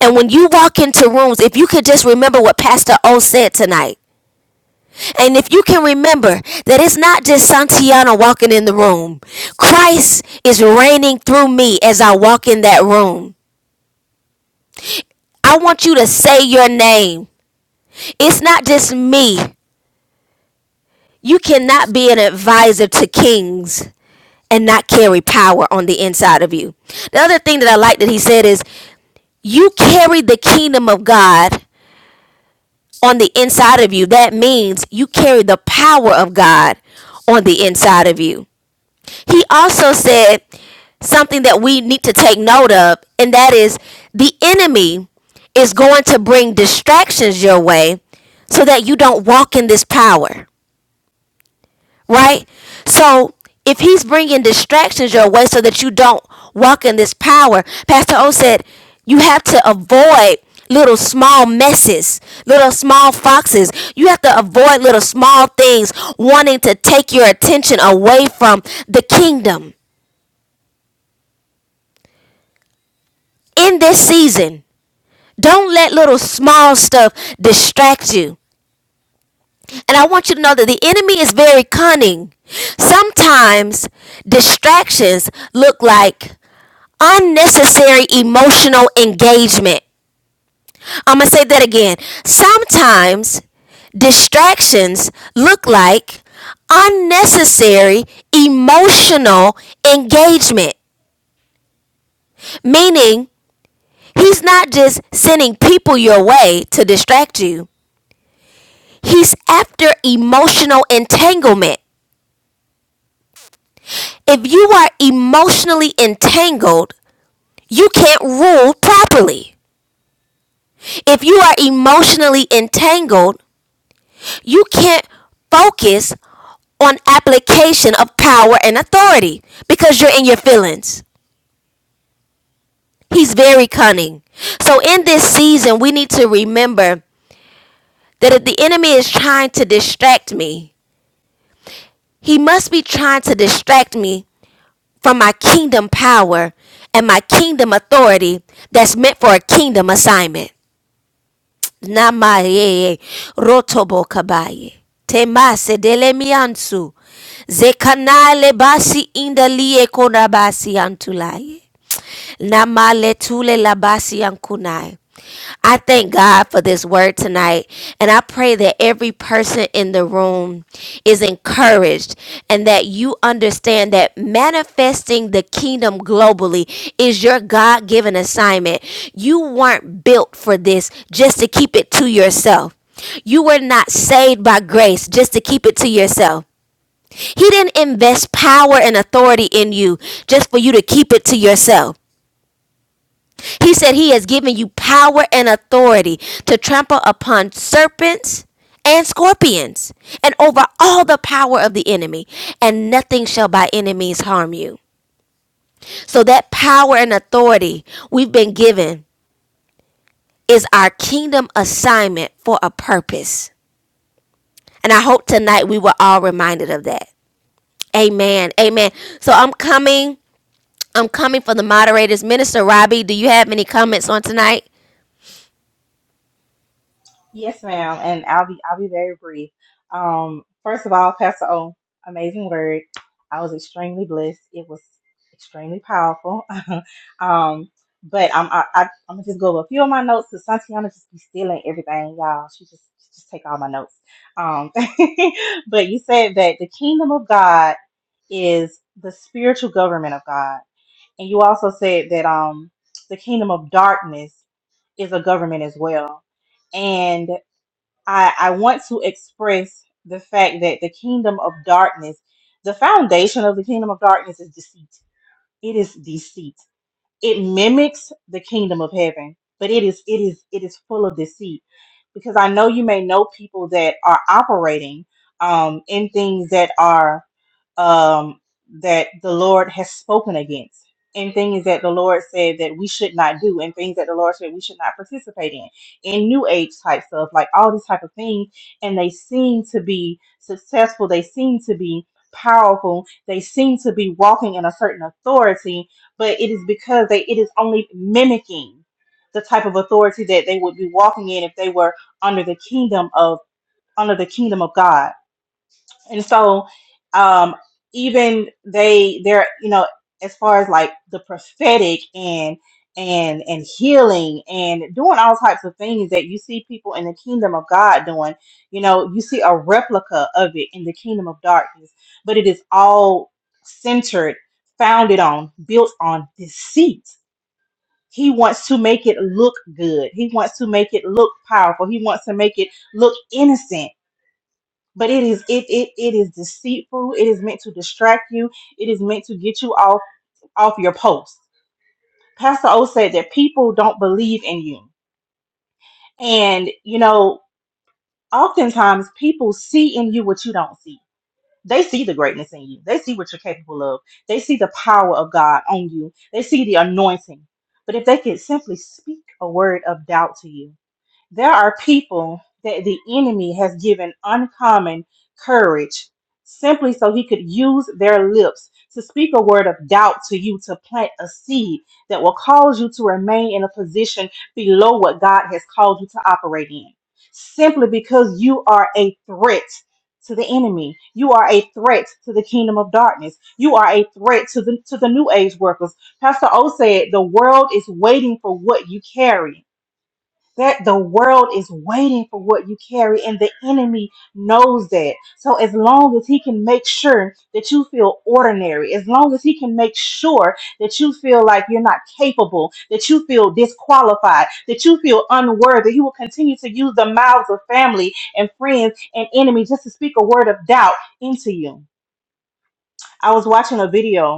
A: And when you walk into rooms, if you could just remember what Pastor O said tonight, and if you can remember that it's not just Santiana walking in the room, Christ is reigning through me as I walk in that room. I want you to say your name. It's not just me. You cannot be an advisor to kings and not carry power on the inside of you. The other thing that I like that he said is, you carry the kingdom of God on the inside of you. That means you carry the power of God on the inside of you. He also said something that we need to take note of, and that is the enemy is going to bring distractions your way so that you don't walk in this power right? So if he's bringing distractions your way so that you don't walk in this power, Pastor O said, you have to avoid little small messes, little small foxes. You have to avoid little small things wanting to take your attention away from the kingdom in this season. Don't let little small stuff distract you. And I want you to know that the enemy is very cunning. Sometimes distractions look like unnecessary emotional engagement. I'm going to say that again. Sometimes distractions look like unnecessary emotional engagement, meaning he's not just sending people your way to distract you, he's after emotional entanglement. If you are emotionally entangled, you can't rule properly. If you are emotionally entangled, you can't focus on application of power and authority because you're in your feelings. He's very cunning. So in this season, we need to remember that if the enemy is trying to distract me, he must be trying to distract me from my kingdom power and my kingdom authority that's meant for a kingdom assignment. Namayeye rotobo kabaye. Temase dele miansu. Zekanale basi indalie konabasi antulaye. Namaletule labasi yankunai. I thank God for this word tonight, and I pray that every person in the room is encouraged and that you understand that manifesting the kingdom globally is your God given assignment. You weren't built for this just to keep it to yourself. You were not saved by grace just to keep it to yourself. He didn't invest power and authority in you just for you to keep it to yourself. He said he has given you power and authority to trample upon serpents and scorpions and over all the power of the enemy, and nothing shall by any means harm you. So, that power and authority we've been given is our kingdom assignment for a purpose. And I hope tonight we were all reminded of that. Amen. Amen. So, I'm coming. I'm coming for the moderators. Minister Robbie, do you have any comments on tonight?
C: Yes, ma'am, and I'll be I'll be very brief. Um, first of all, Pastor O, amazing word. I was extremely blessed. It was extremely powerful. um, but I'm I, I, I'm gonna just go over a few of my notes. Cause Santiana just be stealing everything, y'all. She just she just take all my notes. Um, but you said that the kingdom of God is the spiritual government of God, and you also said that um the kingdom of darkness is a government as well. I, I want to express the fact that the kingdom of darkness, the foundation of the kingdom of darkness is deceit. It is deceit it mimics the kingdom of heaven but it is it is it is full of deceit because i know you may know people that are operating um in things that are um that the lord has spoken against and things that the lord said that we should not do and things that the lord said we should not participate in in new age type stuff like all these type of things and they seem to be successful they seem to be powerful they seem to be walking in a certain authority but it is because they it is only mimicking the type of authority that they would be walking in if they were under the kingdom of under the kingdom of God and so um even they they're you know as far as like the prophetic and and and healing and doing all types of things that you see people in the kingdom of God doing you know you see a replica of it in the kingdom of darkness but it is all centered founded on built on deceit he wants to make it look good he wants to make it look powerful he wants to make it look innocent but it is it, it it is deceitful it is meant to distract you it is meant to get you off off your post pastor o said that people don't believe in you and you know oftentimes people see in you what you don't see they see the greatness in you they see what you're capable of they see the power of god on you they see the anointing but if they could simply speak a word of doubt to you There are people that the enemy has given uncommon courage simply so he could use their lips to speak a word of doubt to you, to plant a seed that will cause you to remain in a position below what God has called you to operate in. Simply because you are a threat to the enemy. You are a threat to the kingdom of darkness. You are a threat to the to the new age workers. Pastor O said the world is waiting for what you carry that the world is waiting for what you carry and the enemy knows that so as long as he can make sure that you feel ordinary as long as he can make sure that you feel like you're not capable that you feel disqualified that you feel unworthy he will continue to use the mouths of family and friends and enemies just to speak a word of doubt into you i was watching a video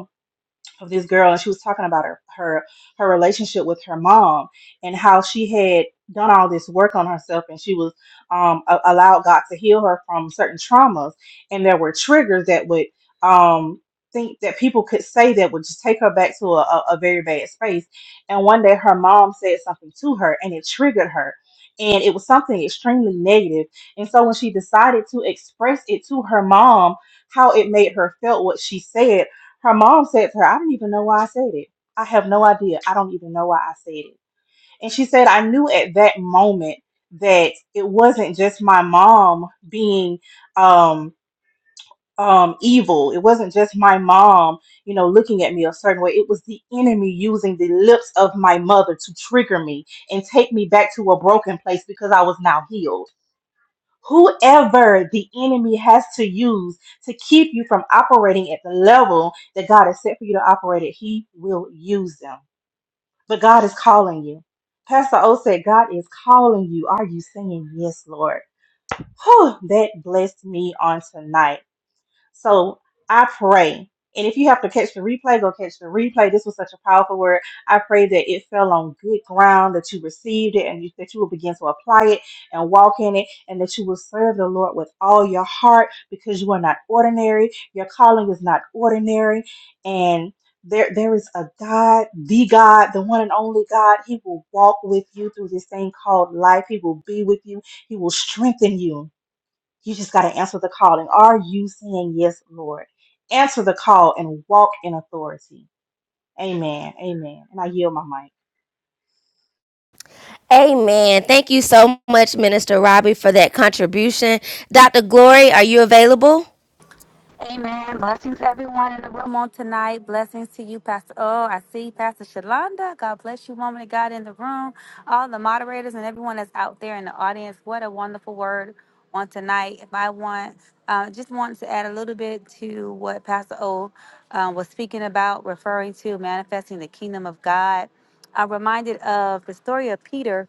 C: of this girl and she was talking about her her her relationship with her mom and how she had done all this work on herself and she was um a- allowed God to heal her from certain traumas and there were triggers that would um think that people could say that would just take her back to a, a, a very bad space and one day her mom said something to her and it triggered her and it was something extremely negative negative. and so when she decided to express it to her mom how it made her felt what she said her mom said to her, I didn't even know why I said it. I have no idea. I don't even know why I said it. And she said, I knew at that moment that it wasn't just my mom being um, um, evil. It wasn't just my mom, you know, looking at me a certain way. It was the enemy using the lips of my mother to trigger me and take me back to a broken place because I was now healed whoever the enemy has to use to keep you from operating at the level that God has set for you to operate at, he will use them. But God is calling you. Pastor O said, God is calling you. Are you saying yes, Lord? Whew, that blessed me on tonight. So I pray. And if you have to catch the replay, go catch the replay. This was such a powerful word. I pray that it fell on good ground, that you received it, and you, that you will begin to apply it and walk in it, and that you will serve the Lord with all your heart because you are not ordinary. Your calling is not ordinary. And there, there is a God, the God, the one and only God. He will walk with you through this thing called life. He will be with you. He will strengthen you. You just got to answer the calling. are you saying yes, Lord? Answer the call and walk in authority. Amen. Amen. And I yield my mic.
A: Amen. Thank you so much, Minister Robbie, for that contribution. Dr. Glory, are you available?
D: Amen. Blessings, everyone in the room on tonight. Blessings to you, Pastor. Oh, I see Pastor Shalonda. God bless you, woman of God in the room. All the moderators and everyone that's out there in the audience. What a wonderful word on tonight. If I want, uh, just wanted to add a little bit to what Pastor O uh, was speaking about, referring to manifesting the kingdom of God. I'm reminded of the story of Peter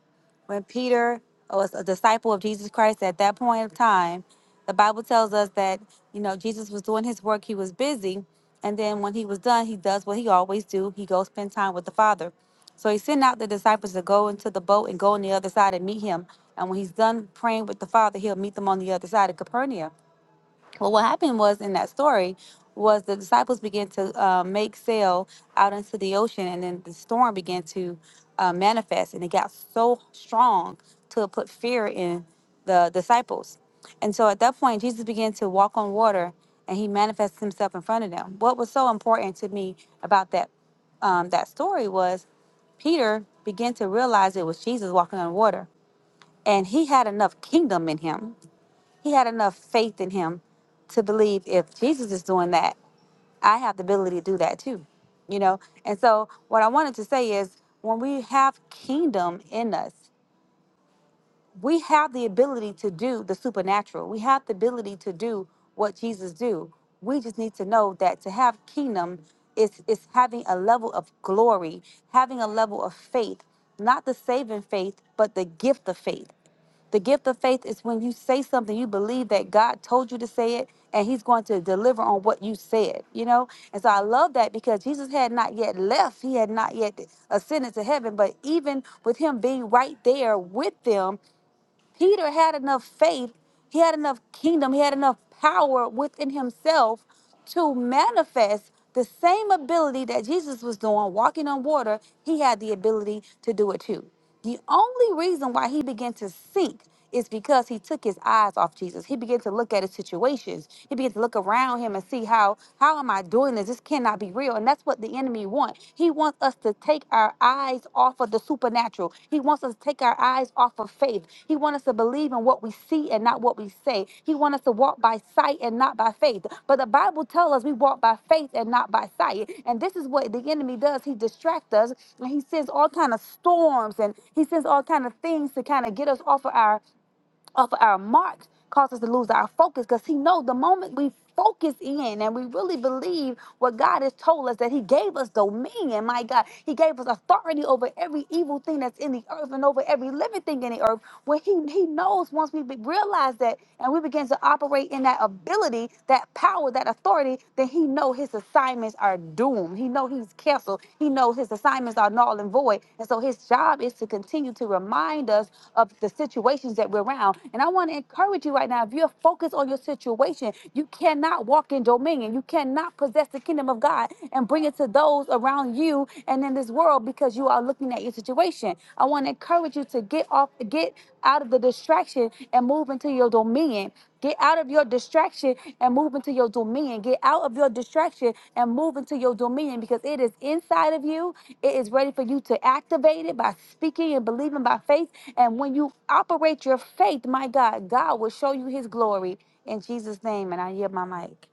D: when Peter was a disciple of Jesus Christ at that point of time, the Bible tells us that, you know, Jesus was doing his work, he was busy, and then when he was done, he does what he always do. He goes spend time with the Father. So he sent out the disciples to go into the boat and go on the other side and meet him. And when he's done praying with the Father, he'll meet them on the other side of Capernaum. Well, what happened was in that story was the disciples began to uh, make sail out into the ocean, and then the storm began to uh, manifest, and it got so strong to put fear in the disciples. And so at that point, Jesus began to walk on water, and he manifests himself in front of them. What was so important to me about that um, that story was Peter began to realize it was Jesus walking on water, and he had enough kingdom in him he had enough faith in him to believe if Jesus is doing that, I have the ability to do that too, you know? And so, what I wanted to say is when we have kingdom in us, we have the ability to do the supernatural. We have the ability to do what Jesus do. We just need to know that to have kingdom is is having a level of glory, having a level of faith, not the saving faith, but the gift of faith. The gift of faith is when you say something, you believe that God told you to say it, and He's going to deliver on what you said, you know? And so I love that because Jesus had not yet left, He had not yet ascended to heaven, but even with Him being right there with them, Peter had enough faith, he had enough kingdom, he had enough power within himself to manifest the same ability that Jesus was doing, walking on water. He had the ability to do it too. The only reason why he began to sink it's because he took his eyes off Jesus. He began to look at his situations. He began to look around him and see how how am I doing this? This cannot be real. And that's what the enemy wants. He wants us to take our eyes off of the supernatural. He wants us to take our eyes off of faith. He wants us to believe in what we see and not what we say. He wants us to walk by sight and not by faith. But the Bible tells us we walk by faith and not by sight. And this is what the enemy does. He distracts us and he sends all kind of storms and he sends all kind of things to kind of get us off of our off of our marks cause us to lose our focus because he knows the moment we focus in and we really believe what God has told us that he gave us dominion my God he gave us authority over every evil thing that's in the earth and over every living thing in the earth when he he knows once we be- realize that and we begin to operate in that ability that power that authority then he know his assignment assignments are doomed. He know he's canceled. He knows his assignments are null and void. And so his job is to continue to remind us of the situations that we're around. And I want to encourage you right now, if you're focused on your situation, you cannot walk in dominion. You cannot possess the kingdom of God and bring it to those around you and in this world because you are looking at your situation. I want to encourage you to get Get off, get out of the distraction and move into your dominion. Get out of your distraction and move into your dominion. Get out of your distraction and move into your dominion because it is inside of you. It is ready for you to activate it by speaking and believing by faith. And when you operate your faith, my God, God will show you his glory in Jesus' name. And I yield my mic.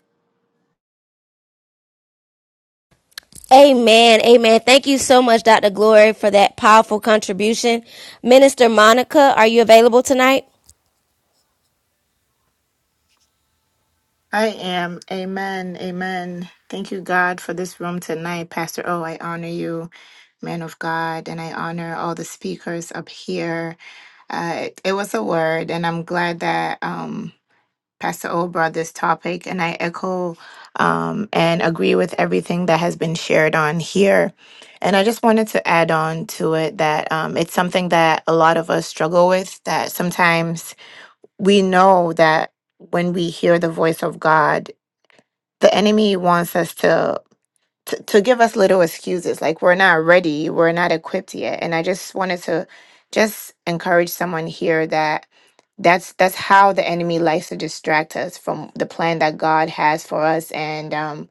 A: Amen. Amen. Thank you so much, Dr. Glory, for that powerful contribution. Minister Monica, are you available tonight?
E: I am. Amen. Amen. Thank you, God, for this room tonight. Pastor O, I honor you, man of God, and I honor all the speakers up here. Uh, it, it was a word, and I'm glad that um, Pastor O brought this topic, and I echo um, and agree with everything that has been shared on here. And I just wanted to add on to it that um, it's something that a lot of us struggle with, that sometimes we know that when we hear the voice of God, the enemy wants us to, to to give us little excuses like we're not ready we're not equipped yet and i just wanted to just encourage someone here that that's that's how the enemy likes to distract us from the plan that god has for us and um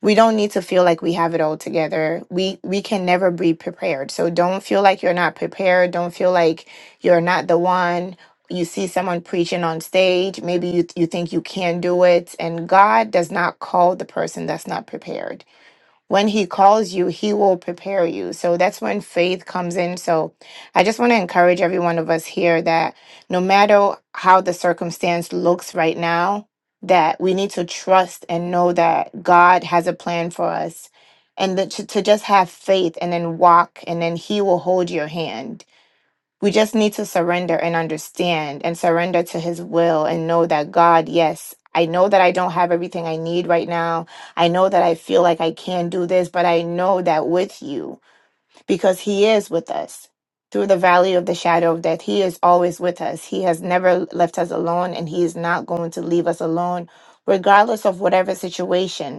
E: we don't need to feel like we have it all together. We we can never be prepared. So don't feel like you're not prepared. Don't feel like you're not the one. You see someone preaching on stage, maybe you you think you can do it, and God does not call the person that's not prepared when he calls you, he will prepare you. So that's when faith comes in. So I just want to encourage every one of us here that no matter how the circumstance looks right now, that we need to trust and know that God has a plan for us and that to, to just have faith and then walk and then he will hold your hand we just need to surrender and understand and surrender to his will and know that God, yes, I know that I don't have everything I need right now. I know that I feel like I can do this, but I know that with you, because he is with us. Through the valley of the shadow of death, he is always with us. He has never left us alone and he is not going to leave us alone, regardless of whatever situation.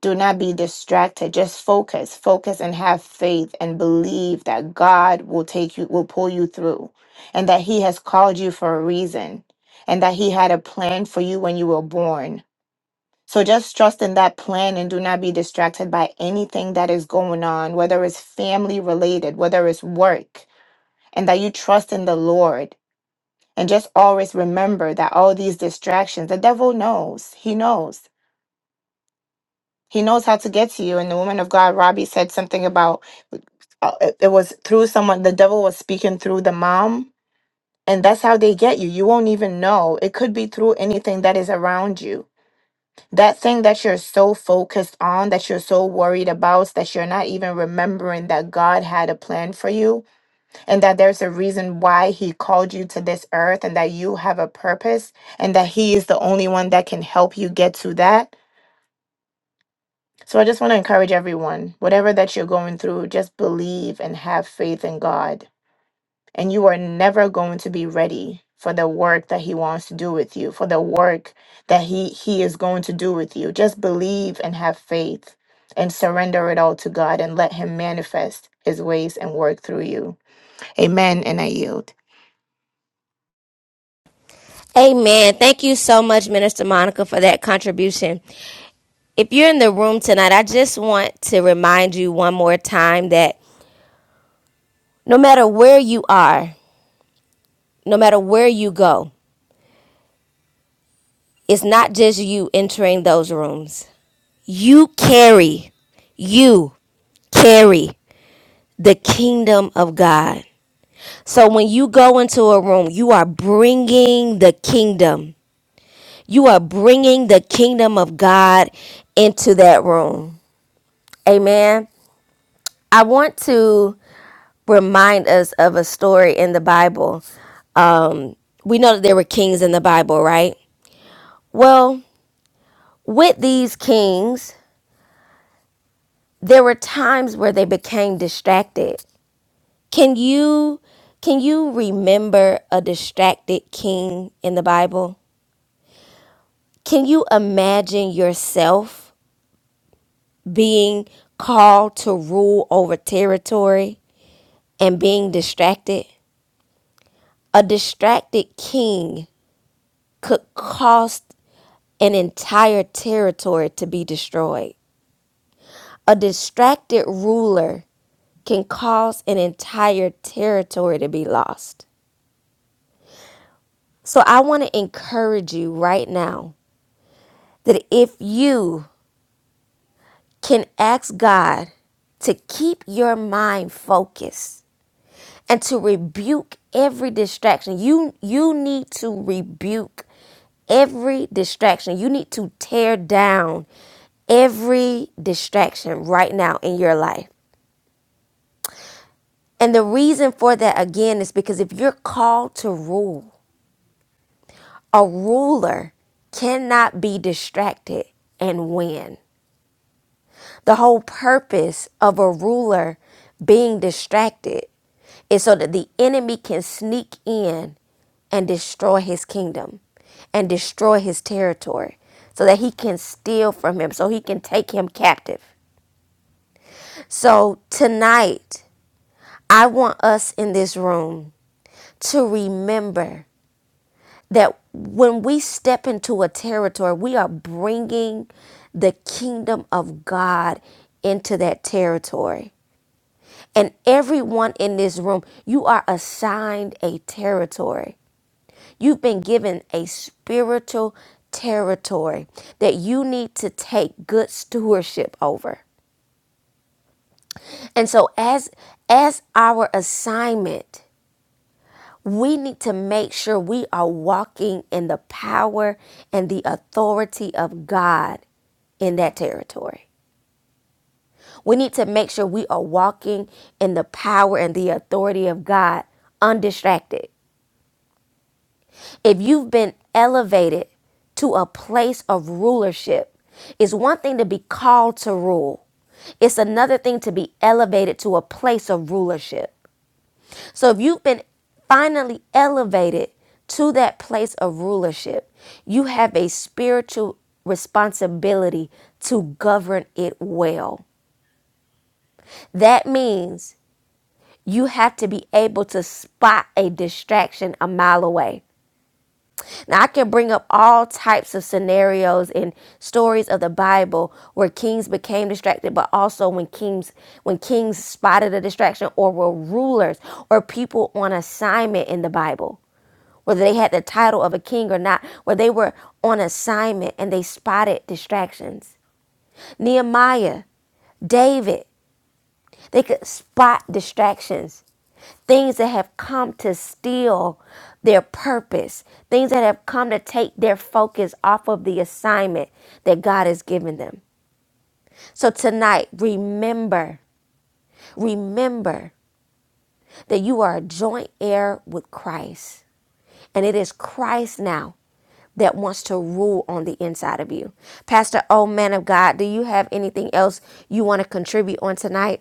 E: Do not be distracted. Just focus, focus and have faith and believe that God will take you, will pull you through, and that He has called you for a reason, and that He had a plan for you when you were born. So just trust in that plan and do not be distracted by anything that is going on, whether it's family related, whether it's work, and that you trust in the Lord. And just always remember that all these distractions, the devil knows, he knows. He knows how to get to you. And the woman of God, Robbie, said something about uh, it, it was through someone, the devil was speaking through the mom. And that's how they get you. You won't even know. It could be through anything that is around you. That thing that you're so focused on, that you're so worried about, that you're not even remembering that God had a plan for you and that there's a reason why He called you to this earth and that you have a purpose and that He is the only one that can help you get to that So I just want to encourage everyone, whatever that you're going through, just believe and have faith in God. And you are never going to be ready for the work that he wants to do with you, for the work that he he is going to do with you. Just believe and have faith and surrender it all to God and let him manifest his ways and work through you. Amen and I yield.
A: Amen. Thank you so much, Minister Monica, for that contribution. If you're in the room tonight, I just want to remind you one more time that no matter where you are, no matter where you go, it's not just you entering those rooms. You carry, you carry the kingdom of God. So when you go into a room, you are bringing the kingdom. You are bringing the kingdom of God into that room. Amen. I want to remind us of a story in the Bible um, we know that there were kings in the Bible, right? Well, with these kings, there were times where they became distracted Can you can you remember a distracted king in the Bible? Can you imagine yourself being called to rule over territory and being distracted? A distracted king could cost an entire territory to be destroyed. A distracted ruler can cause an entire territory to be lost. So I want to encourage you right now that if you can ask God to keep your mind focused and to rebuke every distraction. You you need to rebuke every distraction. You need to tear down every distraction right now in your life. And the reason for that again is because if you're called to rule, a ruler cannot be distracted and win. The whole purpose of a ruler being distracted is so that the enemy can sneak in and destroy his kingdom and destroy his territory so that he can steal from him, so he can take him captive. So tonight, I want us in this room to remember that when we step into a territory, we are bringing the kingdom of God into that territory. And everyone in this room, you are assigned a territory. You've been given a spiritual territory that you need to take good stewardship over. And so as as our assignment, we need to make sure we are walking in the power and the authority of God in that territory. We need to make sure we are walking in the power and the authority of God undistracted. if you've been elevated to a place of rulership, it's one thing to be called to rule, it's another thing to be elevated to a place of rulership. So if you've been finally elevated to that place of rulership, you have a spiritual responsibility to govern it well. That means you have to be able to spot a distraction a mile away. Now, I can bring up all types of scenarios and stories of the Bible where kings became distracted, but also when kings when kings spotted a distraction or were rulers or people on assignment in the Bible, whether they had the title of a king or not, where they were on assignment and they spotted distractions. Nehemiah, David, they could spot distractions things that have come to steal their purpose, things that have come to take their focus off of the assignment that God has given them. So tonight, remember, remember that you are a joint heir with Christ, and it is Christ now that wants to rule on the inside of you. Pastor, oh man of God, do you have anything else you want to contribute on tonight?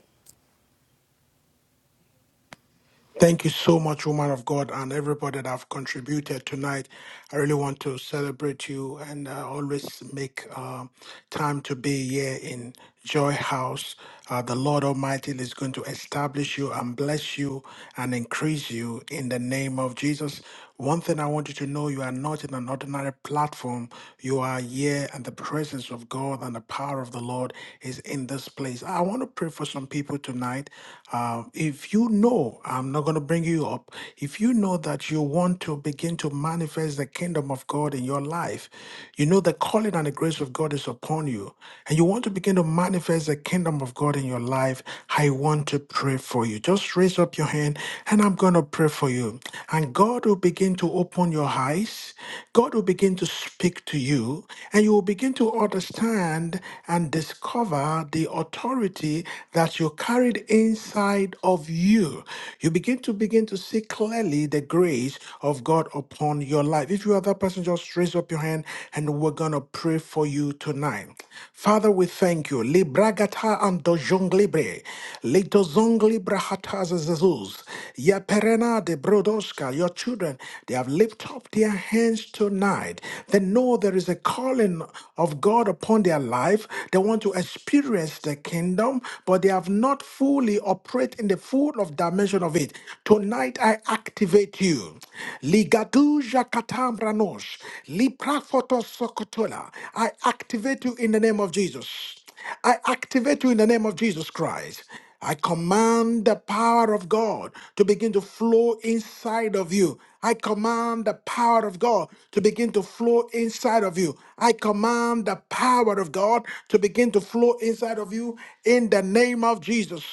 B: Thank you so much, woman of God, and everybody that have contributed tonight. I really want to celebrate you and uh, always make um, time to be here in Joy House. Uh, the Lord Almighty is going to establish you and bless you and increase you in the name of Jesus. One thing I want you to know you are not in an ordinary platform. You are here, and the presence of God and the power of the Lord is in this place. I want to pray for some people tonight. Uh, if you know, I'm not going to bring you up, if you know that you want to begin to manifest the kingdom of God in your life, you know the calling and the grace of God is upon you, and you want to begin to manifest the kingdom of God in your life, I want want to pray for you, just raise up your hand and I'm going to pray for you. And God will begin to open your eyes. God will begin to speak to you and you will begin to understand and discover the authority that you carried inside of you. You begin to begin to see clearly the grace of God upon your life. If you are that person, just raise up your hand and we're going to pray for you you tonight. Father, we thank you. Libragata anto jonglibre, lito zongli brahatas zezuz. Ya perena de brodoska, your children, they have lifted up their hands tonight. They know there is a calling of God upon their life. They want to experience the kingdom, but they have not fully operated in the full of dimension of it. Tonight I activate you. Ligaduja katambranosh. Liprafotosokotola. I activate you in the name of Jesus. I activate you in the name of Jesus Christ. I command the power of God to begin to flow inside of you. I command the power of God to begin to flow inside of you. I command the power of God to begin to flow inside of you in the name of Jesus.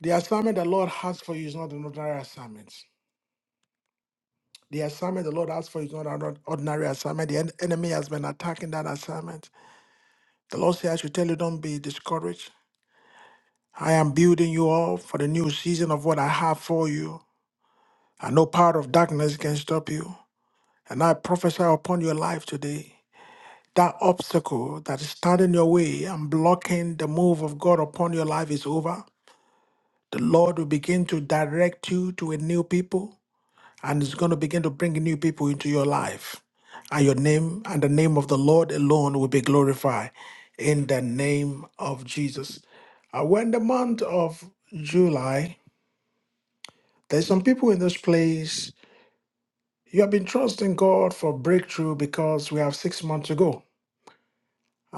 B: The assignment the Lord has for you is not an ordinary assignment. The assignment the Lord asked for is not an ordinary assignment. The en- enemy has been attacking that assignment. The Lord says, I should tell you, don't be discouraged. I am building you up for the new season of what I have for you. And no power of darkness can stop you. And I prophesy upon your life today. That obstacle that is standing in your way and blocking the move of God upon your life is over. The Lord will begin to direct you to a new people. and it's going to begin to bring new people into your life. And your name and the name of the Lord alone will be glorified in the name of Jesus. Uh, we're in the month of July. There's some people in this place. You have been trusting God for breakthrough because we have six months to go.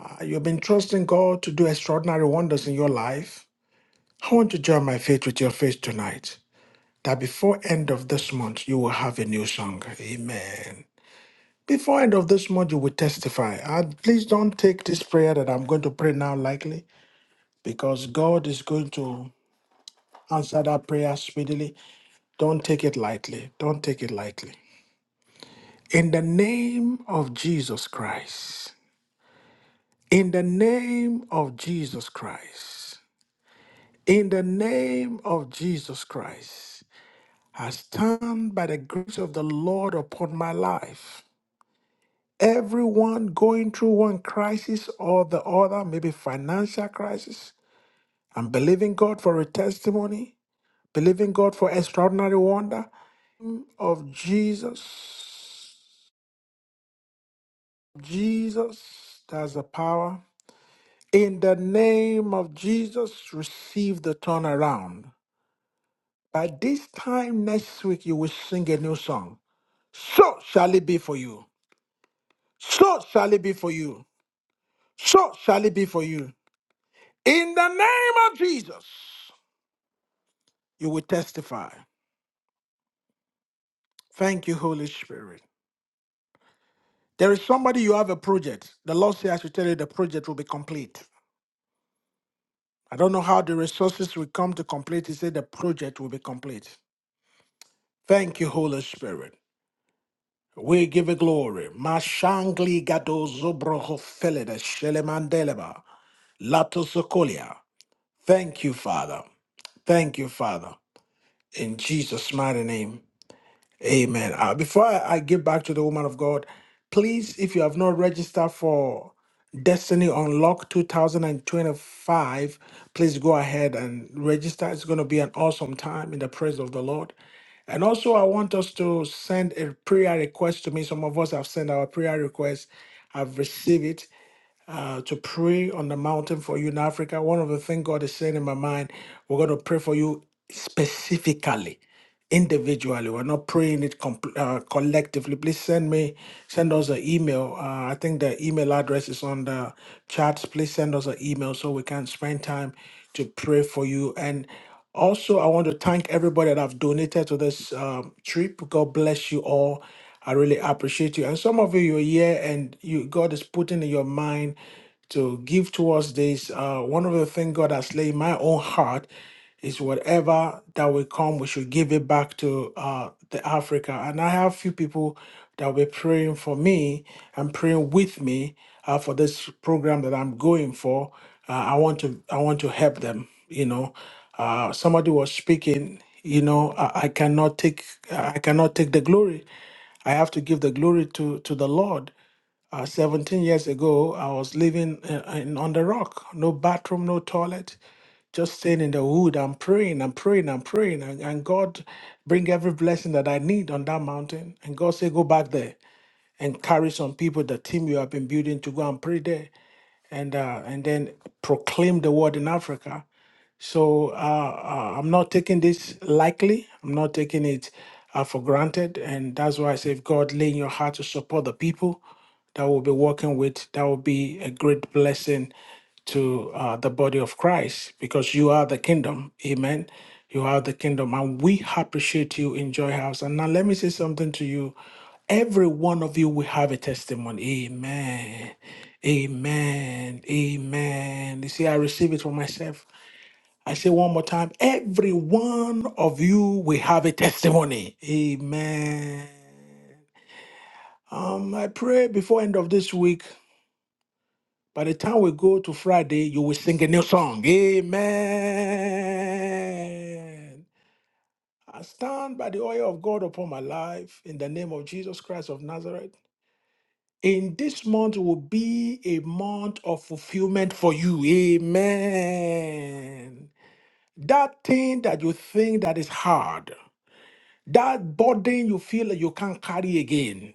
B: Uh, you've been trusting God to do extraordinary wonders in your life. I want to join my faith with your faith tonight that before end of this month you will have a new song. Amen. Before end of this module, we testify. And please don't take this prayer that I'm going to pray now lightly, because God is going to answer that prayer speedily. Don't take it lightly. Don't take it lightly. In the name of Jesus Christ. In the name of Jesus Christ. In the name of Jesus Christ. I stand by the grace of the Lord upon my life. Everyone going through one crisis or the other, maybe financial crisis. I'm believing God for a testimony, believing God for extraordinary wonder of Jesus. Jesus, that's the power. In the name of Jesus, receive the turnaround. By this time next week, you will sing a new song. So shall it be for you. So shall it be for you. So shall it be for you. In the name of Jesus. You will testify. Thank you, Holy Spirit. There is somebody you have a project. The Lord says, I should tell you the project will be complete. I don't know how the resources will come to complete. He said the project will be complete. Thank you, Holy Spirit. We give you glory. Mashangli gado zobroho felede shelemandeleba lato sokolia. Thank you, Father. Thank you, Father. In Jesus' mighty name. Amen. Uh, before I, I give back to the woman of God, please, if you have not registered for Destiny Unlock 2025, please go ahead and register. It's going to be an awesome time in the praise of the Lord. And also, I want us to send a prayer request to me. Some of us have sent our prayer requests. I've received it uh, to pray on the mountain for you in Africa, one of the things God is saying in my mind, we're going to pray for you specifically, individually. We're not praying it compl- uh, collectively. Please send me, send us an email. Uh, I think the email address is on the chats. Please send us an email so we can spend time to pray for you. And also, I want to thank everybody that have donated to this um, trip. God bless you all. I really appreciate you. And some of you, you're here and you God is putting in your mind to give towards this. Uh, one of the things God has laid in my own heart is whatever that will come, we should give it back to uh, the Africa. And I have few people that will be praying for me and praying with me uh, for this program that I'm going for. Uh, I want to I want to help them. You know, uh, somebody was speaking. You know, I, I cannot take I cannot take the glory. I have to give the glory to to the Lord. Uh, 17 years ago, I was living uh, in, on the rock, no bathroom, no toilet, just staying in the wood. I'm praying, I'm praying, I'm praying, and, and God bring every blessing that I need on that mountain. And God say, go back there and carry some people, the team you have been building, to go and pray there, and uh, and then proclaim the word in Africa. So uh, uh, I'm not taking this lightly. I'm not taking it uh, for granted. And that's why I say, if God lay in your heart to support the people that will be working with, that will be a great blessing to uh, the body of Christ because you are the kingdom. Amen. You are the kingdom. And we appreciate you in Joy House. And now let me say something to you. Every one of you will have a testimony. Amen. Amen. Amen. You see, I receive it for myself. I say one more time, every one of you will have a testimony. Amen. Um, I pray before end of this week, by the time we go to Friday, you will sing a new song. Amen. I stand by the oil of God upon my life in the name of Jesus Christ of Nazareth. In this month will be a month of fulfillment for you. Amen. That thing that you think that is hard, That burden you feel that you can't carry again.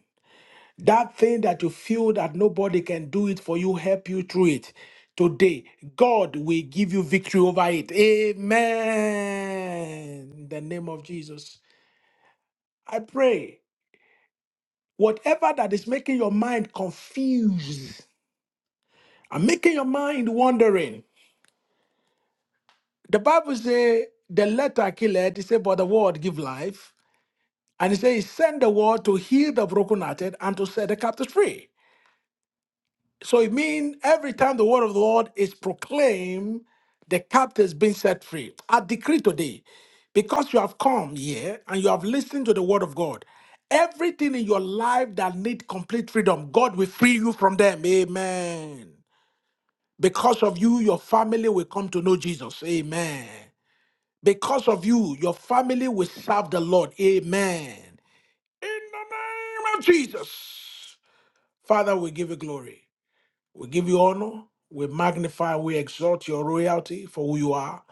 B: That thing that you feel that nobody can do it for you, help you through it. Today, God will give you victory over it. Amen. In the name of Jesus. I pray whatever that is making your mind confused and making your mind wandering. The Bible says the letter kill it, it said, but the word give life. And it says, send the word to heal the brokenhearted and to set the captives free. So it means every time the word of the Lord is proclaimed, the captives being set free. I decree today, because you have come here and you have listened to the word of God, everything in your life that need complete freedom, God will free you from them. Amen. Because of you, your family will come to know Jesus. Amen. Because of you, your family will serve the Lord. Amen. In the name of Jesus. Father, we give you glory. We give you honor. We magnify, we exalt your royalty for who you are.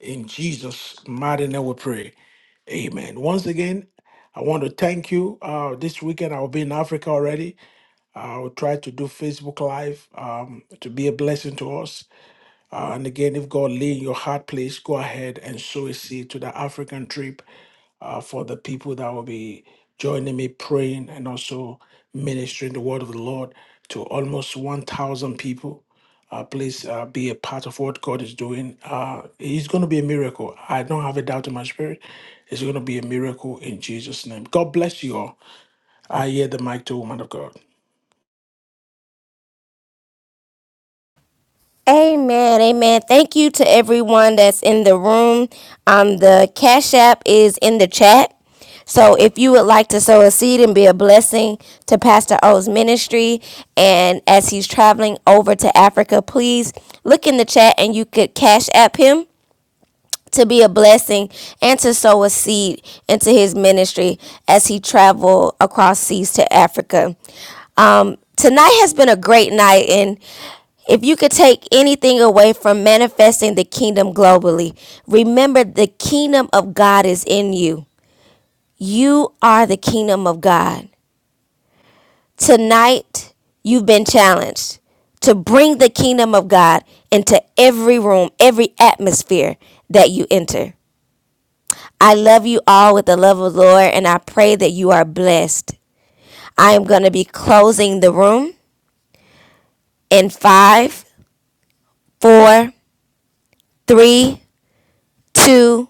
B: In Jesus' mighty name we pray. Amen. Once again, I want to thank you. Uh, this weekend I'll be in Africa already. I'll try to do Facebook Live um, to be a blessing to us. Uh, and again, if God lay in your heart, please go ahead and sow a seed to the African trip uh, for the people that will be joining me praying and also ministering the word of the Lord to almost 1,000 people. Uh, please uh, be a part of what God is doing. Uh, it's going to be a miracle. I don't have a doubt in my spirit. It's going to be a miracle in Jesus' name. God bless you all. I hear the mic to woman of God.
A: Amen, amen. Thank you to everyone that's in the room. Um, the Cash App is in the chat. So if you would like to sow a seed and be a blessing to Pastor O's ministry, and as he's traveling over to Africa, please look in the chat and you could Cash App him to be a blessing and to sow a seed into his ministry as he traveled across seas to Africa. Um, tonight has been a great night, and if you could take anything away from manifesting the kingdom globally, remember the kingdom of God is in you. You are the kingdom of God. Tonight, you've been challenged to bring the kingdom of God into every room, every atmosphere that you enter. I love you all with the love of the Lord, and I pray that you are blessed. I am going to be closing the room in five, four, three, two,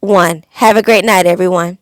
A: one. Have a great night, everyone.